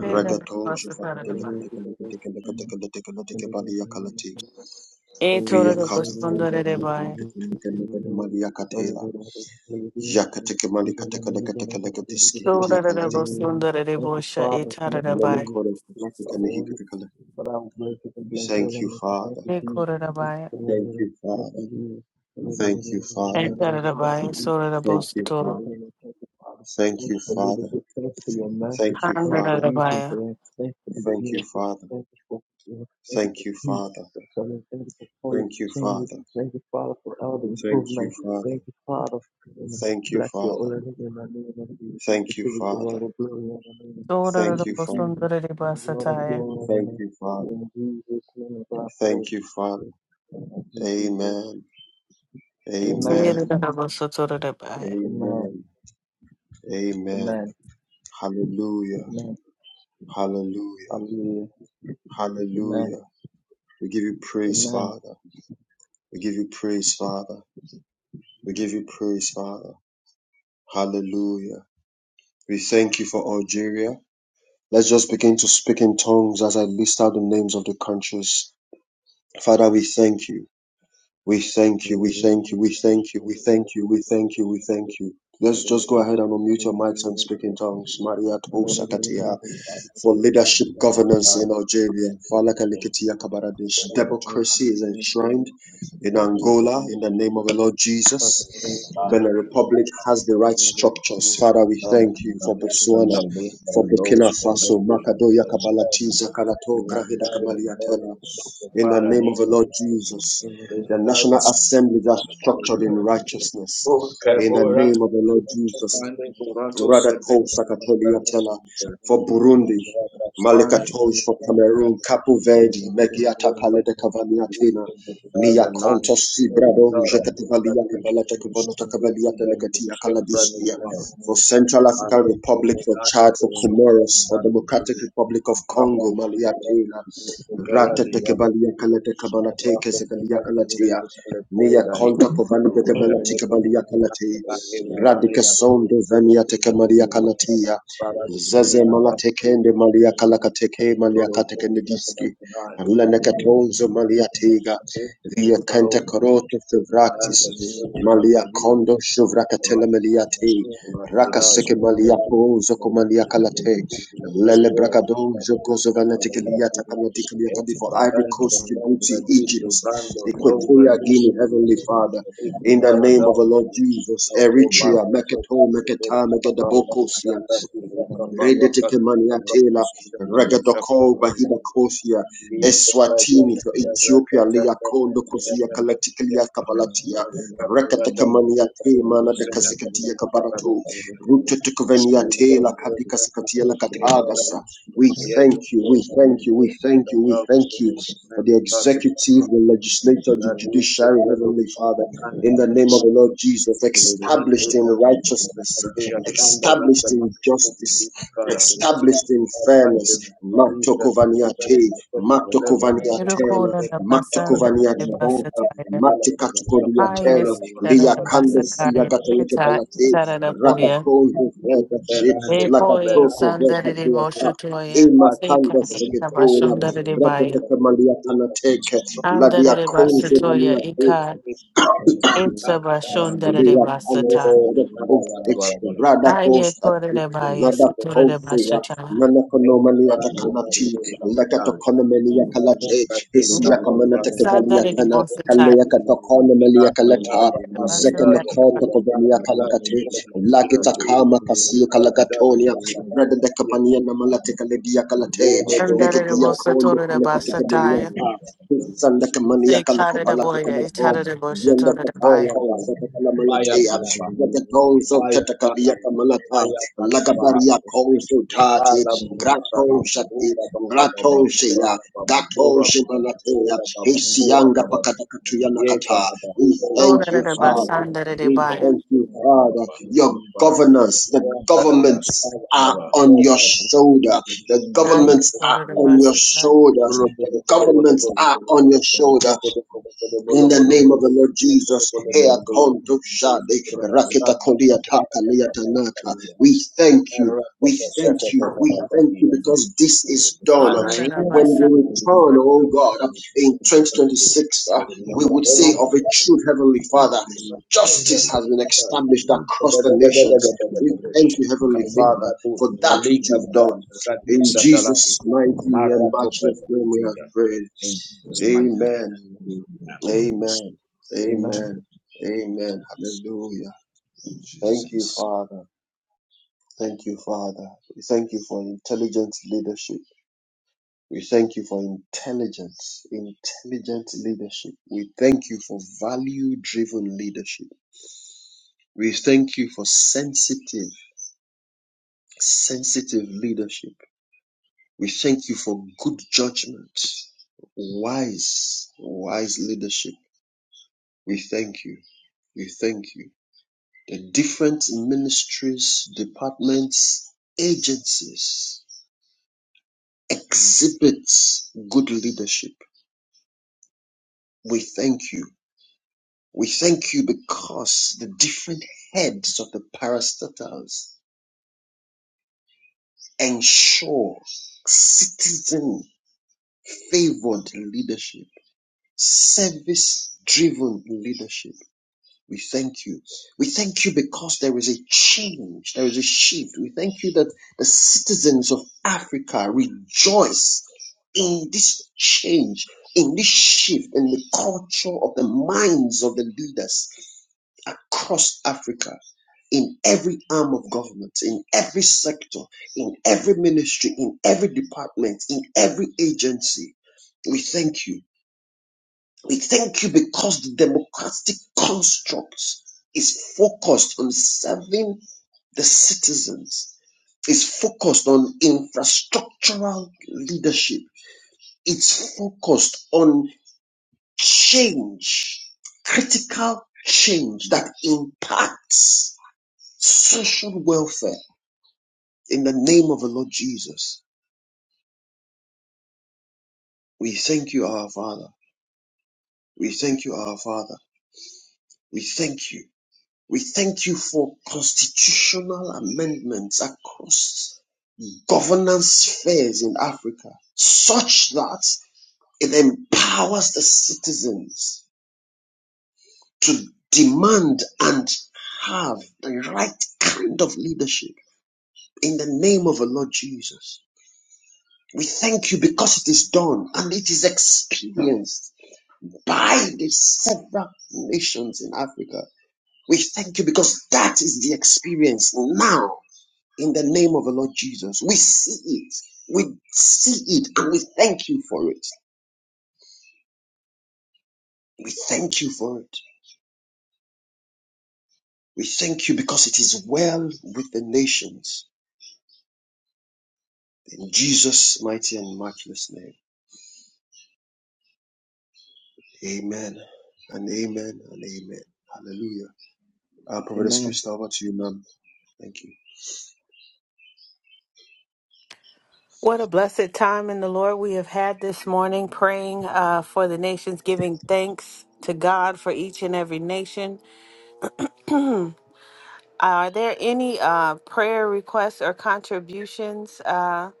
[SPEAKER 1] Sina
[SPEAKER 3] Jovacatele
[SPEAKER 1] sundarabai.
[SPEAKER 3] Calate Calate Calate Calate Cabalia Calati,
[SPEAKER 2] you. Thank
[SPEAKER 3] Via
[SPEAKER 1] Etorabo
[SPEAKER 3] Catocondo
[SPEAKER 2] you,
[SPEAKER 1] sundarabai.
[SPEAKER 3] Valate Calate Calate Malia Catela, Yakateke malikateke lekateke lekatiski
[SPEAKER 1] Sundarebo
[SPEAKER 3] hidiakalati.
[SPEAKER 1] sundarebosha
[SPEAKER 2] Father. Thank you,
[SPEAKER 1] itarabai.
[SPEAKER 2] Jesus.
[SPEAKER 3] Melekore
[SPEAKER 2] Bless the Lord.
[SPEAKER 3] kashikanikateka.
[SPEAKER 2] But I will bless you and bless your
[SPEAKER 3] Thank you,
[SPEAKER 2] name. So thank
[SPEAKER 3] Father.
[SPEAKER 2] you, Jesus. Thank
[SPEAKER 1] Ekorabai.
[SPEAKER 2] you,
[SPEAKER 3] Thank
[SPEAKER 2] Lord.
[SPEAKER 3] you,
[SPEAKER 2] Thank you,
[SPEAKER 3] Father.
[SPEAKER 2] Jesus. Thank
[SPEAKER 3] Thank you, Father.
[SPEAKER 2] you,
[SPEAKER 1] Etarabai.
[SPEAKER 2] Jesus.
[SPEAKER 1] Sorabo
[SPEAKER 2] I
[SPEAKER 3] Thank
[SPEAKER 2] bless
[SPEAKER 3] you,
[SPEAKER 2] your
[SPEAKER 1] sutoro.
[SPEAKER 3] Father.
[SPEAKER 2] name. Thank you, Father.
[SPEAKER 3] Thank
[SPEAKER 2] Thank you
[SPEAKER 3] you,
[SPEAKER 2] for
[SPEAKER 3] Father.
[SPEAKER 2] leadership. Thank you for your mercy.
[SPEAKER 3] Thank you,
[SPEAKER 2] Thank you for
[SPEAKER 3] Father.
[SPEAKER 2] wisdom, for
[SPEAKER 1] Handarabai.
[SPEAKER 2] that. Thank you for the
[SPEAKER 3] Thank you,
[SPEAKER 2] unity.
[SPEAKER 3] Father.
[SPEAKER 2] Thank you for Thank you
[SPEAKER 3] Thank
[SPEAKER 2] for
[SPEAKER 3] you,
[SPEAKER 2] peace,
[SPEAKER 3] Father.
[SPEAKER 2] oh Father. Thank you for fullness
[SPEAKER 3] Thank
[SPEAKER 2] to
[SPEAKER 3] you,
[SPEAKER 2] change.
[SPEAKER 3] Father.
[SPEAKER 2] Thank you, Father, for all the
[SPEAKER 3] Thank you,
[SPEAKER 2] improvement.
[SPEAKER 3] Father.
[SPEAKER 2] Thank you, Father. And
[SPEAKER 3] Thank you,
[SPEAKER 2] Bless your
[SPEAKER 3] Father.
[SPEAKER 2] holy name and our name of you. If
[SPEAKER 3] Thank you,
[SPEAKER 2] you wish all
[SPEAKER 3] Father.
[SPEAKER 2] the glory and the name. Thank
[SPEAKER 3] Thank you,
[SPEAKER 2] you,
[SPEAKER 1] Sorabo
[SPEAKER 3] Father.
[SPEAKER 2] Jesus.
[SPEAKER 1] sundareba
[SPEAKER 2] Thank you, all the
[SPEAKER 1] sataya.
[SPEAKER 2] glory and the
[SPEAKER 3] Thank you, Father.
[SPEAKER 2] name. In Jesus' name, of our
[SPEAKER 3] Thank you, Father.
[SPEAKER 2] Thank you, Jesus.
[SPEAKER 3] Amen. Amen.
[SPEAKER 2] Amen.
[SPEAKER 1] Etirabo sutorobai.
[SPEAKER 2] Amen.
[SPEAKER 3] Amen. Amen.
[SPEAKER 2] Amen.
[SPEAKER 3] Hallelujah.
[SPEAKER 2] Amen.
[SPEAKER 3] Hallelujah.
[SPEAKER 2] Hallelujah. Amen.
[SPEAKER 3] Hallelujah. We give you praise, Father. We give you praise, Father. We give you praise, Father. Hallelujah. We thank you for Algeria. Let's just begin to speak in tongues as I list out the names of the countries. Father, we thank you. We thank you, we thank you, we thank you, we thank you, we thank you, we
[SPEAKER 2] Amen.
[SPEAKER 3] thank you. Let's
[SPEAKER 2] Thank
[SPEAKER 3] just go ahead and unmute your mics and speak in tongues. Maria Tosakatia
[SPEAKER 5] Father,
[SPEAKER 3] for
[SPEAKER 5] we
[SPEAKER 3] leadership
[SPEAKER 5] thank you,
[SPEAKER 3] governance
[SPEAKER 5] Son,
[SPEAKER 3] in Algeria.
[SPEAKER 5] and
[SPEAKER 3] Falakalikitia Kabaradesh.
[SPEAKER 5] the
[SPEAKER 3] Democracy is enshrined in
[SPEAKER 5] Holy Spirit,
[SPEAKER 3] Angola in the name of the Lord
[SPEAKER 5] for the
[SPEAKER 3] Jesus.
[SPEAKER 5] life,
[SPEAKER 3] Benin
[SPEAKER 4] you.
[SPEAKER 3] Republic has the right
[SPEAKER 5] and
[SPEAKER 3] structures.
[SPEAKER 5] for the
[SPEAKER 3] Father, we
[SPEAKER 5] wisdom,
[SPEAKER 3] thank
[SPEAKER 5] and
[SPEAKER 3] you
[SPEAKER 5] the
[SPEAKER 3] for Botswana,
[SPEAKER 5] understanding,
[SPEAKER 3] for
[SPEAKER 5] and those
[SPEAKER 3] Burkina
[SPEAKER 5] that
[SPEAKER 3] Faso,
[SPEAKER 5] love us,
[SPEAKER 3] Makadoya
[SPEAKER 5] and the
[SPEAKER 3] Kabalatiza, Kanato, Krahida
[SPEAKER 5] Mandai de
[SPEAKER 3] Kamaliatela,
[SPEAKER 5] Bondo,
[SPEAKER 3] in the
[SPEAKER 5] Socopara,
[SPEAKER 3] name of the
[SPEAKER 5] Nita,
[SPEAKER 3] Lord
[SPEAKER 4] Thank
[SPEAKER 3] Jesus.
[SPEAKER 4] you, Father.
[SPEAKER 3] The
[SPEAKER 5] Lestado,
[SPEAKER 3] national assemblies are structured in
[SPEAKER 5] Sacapara, O
[SPEAKER 3] righteousness. In the
[SPEAKER 5] Cabora,
[SPEAKER 3] name of the Lord Jesus.
[SPEAKER 5] Mande, Borato, Sede,
[SPEAKER 3] Radako
[SPEAKER 5] Manos,
[SPEAKER 3] Sakatoliatela for Burundi.
[SPEAKER 5] Bashane,
[SPEAKER 3] Malikatoj for
[SPEAKER 2] you.
[SPEAKER 3] Cameroon.
[SPEAKER 5] Omara,
[SPEAKER 3] Capu
[SPEAKER 2] Thank
[SPEAKER 3] Verde. Megiata Palede
[SPEAKER 5] Bopanos,
[SPEAKER 3] Cavaniatina.
[SPEAKER 5] Mustaz,
[SPEAKER 3] Nia
[SPEAKER 5] and Nan,
[SPEAKER 3] Conto Sibrado.
[SPEAKER 5] Melatara,
[SPEAKER 3] Jekativalia
[SPEAKER 5] Mustadish,
[SPEAKER 3] Kabalata Kabanota Kabalia
[SPEAKER 5] Rupi, and
[SPEAKER 3] Telekatia
[SPEAKER 5] Chef
[SPEAKER 3] Kalabiskia.
[SPEAKER 5] Radikar,
[SPEAKER 3] For Central African
[SPEAKER 5] Mahoku,
[SPEAKER 3] Republic. For
[SPEAKER 5] Naya,
[SPEAKER 3] Chad.
[SPEAKER 5] the
[SPEAKER 3] For Comoros. For
[SPEAKER 5] Sukuman,
[SPEAKER 3] Democratic Republic of
[SPEAKER 5] Papa,
[SPEAKER 3] Congo.
[SPEAKER 5] Makuba,
[SPEAKER 3] Maliatina Ratete
[SPEAKER 5] Beradi
[SPEAKER 3] kebalia kalete kabala teke
[SPEAKER 5] Madrasa Bunda
[SPEAKER 3] Ratatekabaliyakalatekabalatekezekaliyakalatiya.
[SPEAKER 5] Christian Hitsale
[SPEAKER 3] Nia
[SPEAKER 5] Povidai,
[SPEAKER 3] konta
[SPEAKER 5] Shabu Sina
[SPEAKER 3] kovanigekebelatikebaliyakalatea.
[SPEAKER 5] Sabaki
[SPEAKER 3] Radika
[SPEAKER 5] Varania,
[SPEAKER 3] sondo veniatekemaliyakalatea.
[SPEAKER 5] Para
[SPEAKER 3] Zeze
[SPEAKER 5] Sunia,
[SPEAKER 3] malatekende maliyakalakateke
[SPEAKER 5] Doro
[SPEAKER 3] katekende diski.
[SPEAKER 5] Sabana,
[SPEAKER 3] Lenekatonzo maliyatega.
[SPEAKER 5] the
[SPEAKER 3] Via kente
[SPEAKER 5] Paro,
[SPEAKER 3] koroto
[SPEAKER 5] and
[SPEAKER 3] fevraktis.
[SPEAKER 5] the Silver Nabedi,
[SPEAKER 3] Maliakondo shuvrakatele meliyate.
[SPEAKER 5] Bratiraj,
[SPEAKER 3] Rakaseke
[SPEAKER 5] the Babu,
[SPEAKER 3] maliyakonzo
[SPEAKER 5] the
[SPEAKER 3] komaliyakalatea.
[SPEAKER 5] Babu, the
[SPEAKER 3] Lele
[SPEAKER 5] Palware, the
[SPEAKER 3] Bracadon,
[SPEAKER 5] Babu, the Barba,
[SPEAKER 3] Jokosovanetikaliata
[SPEAKER 5] and
[SPEAKER 3] Kanatikaliakadi for Ivory
[SPEAKER 5] Bradan,
[SPEAKER 3] Coast,
[SPEAKER 5] Bradan,
[SPEAKER 3] Djibouti,
[SPEAKER 5] Bradi,
[SPEAKER 2] you.
[SPEAKER 3] Egypt,
[SPEAKER 5] Brando,
[SPEAKER 2] Thank
[SPEAKER 5] Sombra,
[SPEAKER 3] Equatorial
[SPEAKER 2] you.
[SPEAKER 3] Guinea,
[SPEAKER 5] Nimbu,
[SPEAKER 3] Heavenly Father.
[SPEAKER 5] the
[SPEAKER 3] In the name of the
[SPEAKER 5] Barada,
[SPEAKER 3] Lord Jesus,
[SPEAKER 5] Thank
[SPEAKER 3] Eritrea, Meketol, Meketa, Mekedabokos, Redetekemaniatela, Regadoko, Bahida Kosia, Eswatini, Ethiopia, Liakondo, Kosia, Kalatikilia, Kabalatia, Rekatekemaniate, Mana de Kasikadia Kabarato, Rutetekveniatela, Kabikasikatiela Katagasa. We thank you, we thank you, we thank you, we thank you for the executive, the legislature, the judiciary, Heavenly Father. In the name of the
[SPEAKER 5] you.
[SPEAKER 3] Lord Jesus, established in righteousness, established in justice, established in fairness. Matokovaniate, Matokovaniatena,
[SPEAKER 1] Irukoraba sandareba
[SPEAKER 3] Matokovaniadibata,
[SPEAKER 1] sataya.
[SPEAKER 3] Matikatukodiatena,
[SPEAKER 1] Ayes
[SPEAKER 3] Liakande
[SPEAKER 1] tarabasakaya.
[SPEAKER 3] Siagateleke
[SPEAKER 1] Sita
[SPEAKER 3] Balate,
[SPEAKER 1] itaraboya.
[SPEAKER 3] Ratakonzo Fetasi,
[SPEAKER 1] Eboya
[SPEAKER 3] Lakatoko Veta
[SPEAKER 1] sandarere
[SPEAKER 3] Biaka.
[SPEAKER 1] boshotoya
[SPEAKER 3] Ima
[SPEAKER 1] seka
[SPEAKER 3] kanda
[SPEAKER 1] ita
[SPEAKER 3] segetola,
[SPEAKER 1] bashondarere
[SPEAKER 3] rakete
[SPEAKER 1] baya
[SPEAKER 3] kamalia tanateke, ladia
[SPEAKER 1] andarere
[SPEAKER 3] konzo
[SPEAKER 1] basatoya ika itsa bashondarere
[SPEAKER 3] Leia Pandas
[SPEAKER 1] basata
[SPEAKER 3] Edakos H
[SPEAKER 5] Oh,
[SPEAKER 3] Radakos
[SPEAKER 1] aye
[SPEAKER 3] at
[SPEAKER 1] korere baya saturere
[SPEAKER 3] Radakosia
[SPEAKER 1] bashata
[SPEAKER 3] Nanakonomania Takanati Lekatokonomania Kalate Hisiakamanata
[SPEAKER 1] sandarere
[SPEAKER 3] Kavaliatana
[SPEAKER 1] bosata
[SPEAKER 3] Kaleakatokonomalia Kalata
[SPEAKER 1] basandarere
[SPEAKER 3] Zekanakota Kovania Kalakate Lagita Kama Kasil Kalakatonia Breda de Capania Namalate Kaledia Kalate
[SPEAKER 1] basandarere
[SPEAKER 3] Negadia kondo
[SPEAKER 1] bosatorere
[SPEAKER 3] kone katika dunia
[SPEAKER 1] basataya
[SPEAKER 3] pa. Kusanda kamani ya kaloko
[SPEAKER 1] sekarere
[SPEAKER 3] palate
[SPEAKER 1] boya
[SPEAKER 3] kalapo.
[SPEAKER 2] Thank
[SPEAKER 1] itarere
[SPEAKER 2] you.
[SPEAKER 3] Yenda
[SPEAKER 1] boshotorere baya
[SPEAKER 5] Maya
[SPEAKER 3] Katoko,
[SPEAKER 5] Palaba,
[SPEAKER 3] Zatakala
[SPEAKER 5] Maya
[SPEAKER 2] Thank
[SPEAKER 3] Malatea,
[SPEAKER 5] Palaba,
[SPEAKER 3] Lagadozo, Tatakadiaka Malata,
[SPEAKER 5] Maya Palaba,
[SPEAKER 3] Lagabaria Kozo Tati,
[SPEAKER 5] Ala
[SPEAKER 3] Grato
[SPEAKER 5] masalam,
[SPEAKER 3] Shati,
[SPEAKER 5] ura baba baba,
[SPEAKER 3] Grato Shea,
[SPEAKER 5] ura baba baba,
[SPEAKER 3] Gato
[SPEAKER 5] ura baba,
[SPEAKER 3] Shimalatea,
[SPEAKER 5] ura baba, ura
[SPEAKER 3] Isianga
[SPEAKER 5] baba.
[SPEAKER 3] Pakatakatuya
[SPEAKER 5] Yeka
[SPEAKER 3] Nakata.
[SPEAKER 5] baba,
[SPEAKER 3] We
[SPEAKER 5] ola
[SPEAKER 3] thank
[SPEAKER 5] baba,
[SPEAKER 3] you,
[SPEAKER 1] torere
[SPEAKER 5] ola
[SPEAKER 3] Father.
[SPEAKER 5] baba,
[SPEAKER 1] basandarere
[SPEAKER 3] We
[SPEAKER 5] inda
[SPEAKER 1] baya
[SPEAKER 3] thank you,
[SPEAKER 5] baba, baba
[SPEAKER 3] Father.
[SPEAKER 5] baba,
[SPEAKER 3] Your
[SPEAKER 5] bara.
[SPEAKER 3] governors, the
[SPEAKER 5] Waka baba,
[SPEAKER 3] governments
[SPEAKER 5] shala
[SPEAKER 3] are
[SPEAKER 5] bara,
[SPEAKER 3] on your
[SPEAKER 5] kopa,
[SPEAKER 3] shoulder. The
[SPEAKER 5] mutu
[SPEAKER 1] aye
[SPEAKER 5] bobo
[SPEAKER 3] governments
[SPEAKER 5] bobo
[SPEAKER 3] are
[SPEAKER 1] torere
[SPEAKER 5] bobo
[SPEAKER 3] on your
[SPEAKER 5] bobo.
[SPEAKER 1] basata
[SPEAKER 2] you.
[SPEAKER 3] shoulders.
[SPEAKER 5] Ro bobo
[SPEAKER 3] The
[SPEAKER 5] bobo bobo bobo bobo
[SPEAKER 3] governments are on
[SPEAKER 5] bobo.
[SPEAKER 3] your shoulder.
[SPEAKER 5] Ro bobo bobo
[SPEAKER 3] In
[SPEAKER 5] bobo bobo
[SPEAKER 3] the
[SPEAKER 5] bobo
[SPEAKER 3] name
[SPEAKER 5] bobo.
[SPEAKER 3] of the Lord
[SPEAKER 5] Ro
[SPEAKER 3] Jesus,
[SPEAKER 5] bobo
[SPEAKER 3] Hea
[SPEAKER 5] bobo bobo bobo.
[SPEAKER 3] Kondo Shade,
[SPEAKER 5] Rasta
[SPEAKER 3] Raketa
[SPEAKER 5] ta
[SPEAKER 3] Kolia
[SPEAKER 5] ta ta ta
[SPEAKER 3] Taka
[SPEAKER 5] ta
[SPEAKER 3] Lea
[SPEAKER 5] ta ta ta.
[SPEAKER 3] Tanaka. we thank you.
[SPEAKER 5] Rasta
[SPEAKER 3] We thank
[SPEAKER 5] ta ta ta
[SPEAKER 3] you.
[SPEAKER 5] ta
[SPEAKER 3] We
[SPEAKER 5] ta ta
[SPEAKER 3] thank
[SPEAKER 5] ta.
[SPEAKER 3] you because this is done.
[SPEAKER 5] Kalika,
[SPEAKER 1] torere
[SPEAKER 5] bus,
[SPEAKER 3] When we
[SPEAKER 1] basata
[SPEAKER 3] return, oh God, in 2026, uh, we would say of a true Heavenly Father, justice has been established across the nations. We thank you, Heavenly Father, for that which
[SPEAKER 5] kalika
[SPEAKER 3] you've
[SPEAKER 5] baras,
[SPEAKER 3] done. In
[SPEAKER 5] kadisa talas,
[SPEAKER 3] Jesus' mighty and
[SPEAKER 5] Marako,
[SPEAKER 3] matchless name we have
[SPEAKER 5] pedokatida.
[SPEAKER 3] prayed.
[SPEAKER 5] In Jesus' mighty name.
[SPEAKER 3] Amen. Amen.
[SPEAKER 6] to
[SPEAKER 2] Amen.
[SPEAKER 3] Amen. Amen. Hallelujah. Thank you,
[SPEAKER 6] Jesus.
[SPEAKER 3] Father. Thank you, Father. We thank you for intelligent leadership. We thank you for intelligence, intelligent leadership. We thank you for value driven leadership. We thank you for sensitive, sensitive leadership. We thank you for good judgment, wise, wise leadership. We thank you. We thank you. the different ministries, departments, agencies exhibit good leadership. We thank you. We thank you because the different heads of the parastatals ensure citizen favored leadership, service driven leadership. We thank you. We thank you because there is a change, there is a shift. We thank you that the citizens of Africa rejoice in this change, in this shift, in the culture of the minds of the leaders across Africa, in every arm of government, in every sector, in every ministry, in every department, in every agency. We thank you. We thank you because the democratic construct is focused on serving the citizens, is focused on infrastructural leadership, it's focused on change, critical change that impacts social welfare. In the name of the Lord Jesus, we thank you, our Father. We thank you, our Father. We thank you. We thank you for constitutional amendments across governance spheres in Africa, such that it empowers the citizens to demand and have the right kind of leadership in the name of the Lord Jesus. We thank you because it is done and it is experienced by the several nations in Africa. We thank you because that is the experience now in the name of the Lord Jesus. We see it. We see it and we thank you for it. We thank you for it. We thank you because it is well with the nations. In Jesus' mighty and matchless name. Amen and amen and amen. Hallelujah. Uh,
[SPEAKER 2] Amen.
[SPEAKER 3] Pastor Abraham, thank you.
[SPEAKER 1] What a blessed time in the Lord we have had this morning, praying uh, for the nations, giving thanks to God for each and every nation. Hmm. Are there any uh, prayer requests or contributions uh,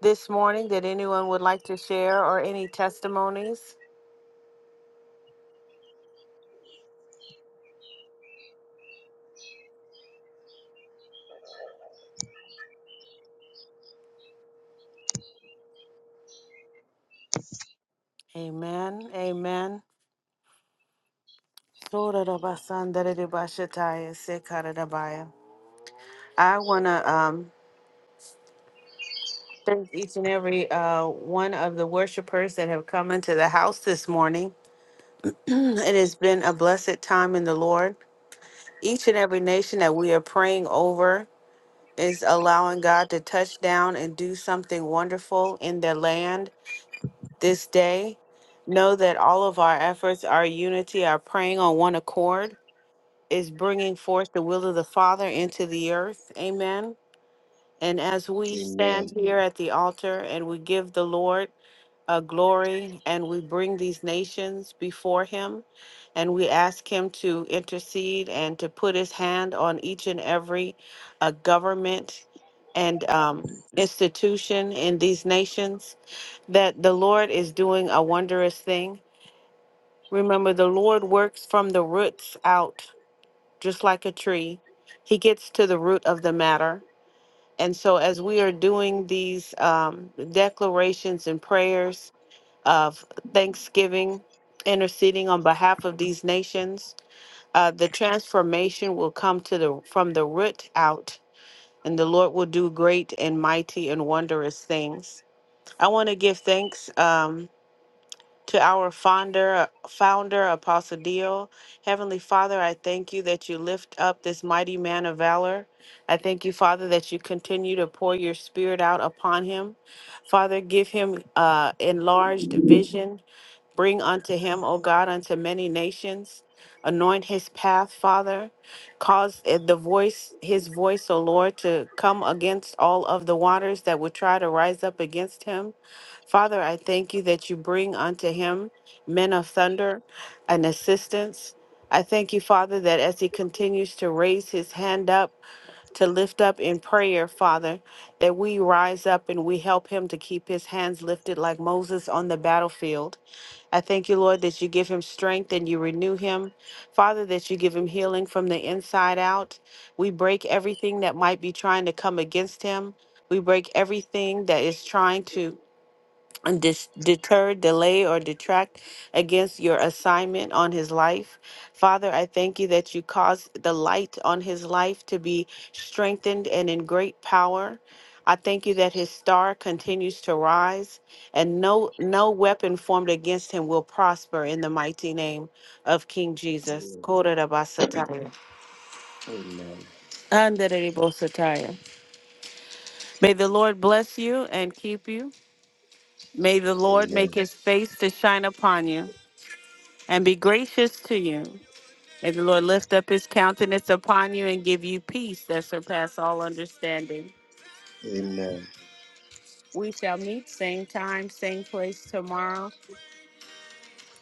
[SPEAKER 1] this morning that anyone would like to share or any testimonies? Amen. Amen. I want to um, thank each and every uh, one of the worshipers that have come into the house this morning. It has been a blessed time in the Lord. Each and every nation that we are praying over is allowing God to touch down and do something wonderful in their land this day. Know that all of our efforts, our unity, our praying on one accord is bringing forth the will of the Father into the earth. Amen. And as we stand
[SPEAKER 3] Amen.
[SPEAKER 1] here at the altar and we give the Lord uh, glory and we bring these nations before him and we ask him to intercede and to put his hand on each and every uh, government and um, institution in these nations that the lord is doing a wondrous thing remember the lord works from the roots out just like a tree he gets to the root of the matter and so, as we are doing these um, declarations and prayers of thanksgiving, interceding on behalf of these nations, uh, the transformation will come to the from the root out, and the Lord will do great and mighty and wondrous things. I want to give thanks. Um, to our founder, founder Apostle Dio, Heavenly Father, I thank you that you lift up this mighty man of valor. I thank you, Father, that you continue to pour your spirit out upon him. Father, give him uh, enlarged vision. Bring unto him, O God, unto many nations. Anoint his path, Father. Cause it- the voice, his voice, O Lord, to come against all of the waters that would try to rise up against him. Father, I thank you that you bring unto him men of thunder and assistance. I thank you, Father, that as he continues to raise his hand up, to lift up in prayer, Father, that we rise up and we help him to keep his hands lifted like Moses on the battlefield. I thank you, Lord, that you give him strength and you renew him. Father, that you give him healing from the inside out. We break everything that might be trying to come against him. We break everything that is trying to dis- deter, delay, or detract against your assignment on his life. Father, I thank you that you caused the light on his life to be strengthened and in great power. I thank you that his star continues to rise and no no weapon formed against him will prosper in the mighty name of King Jesus. Kororobasataya.
[SPEAKER 3] Amen.
[SPEAKER 1] Anderebosataya. May the Lord bless you and keep you. May the Lord make
[SPEAKER 3] Amen.
[SPEAKER 1] his face to shine upon you. and be gracious to you. May the Lord lift up his countenance upon you and give you peace that surpass all understanding.
[SPEAKER 3] Amen.
[SPEAKER 1] We shall meet same time, same place tomorrow,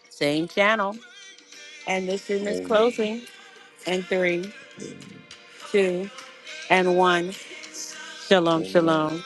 [SPEAKER 1] same channel. And this room is
[SPEAKER 3] Amen.
[SPEAKER 1] closing in three, two, and one. Shalom,
[SPEAKER 3] Amen.
[SPEAKER 1] shalom.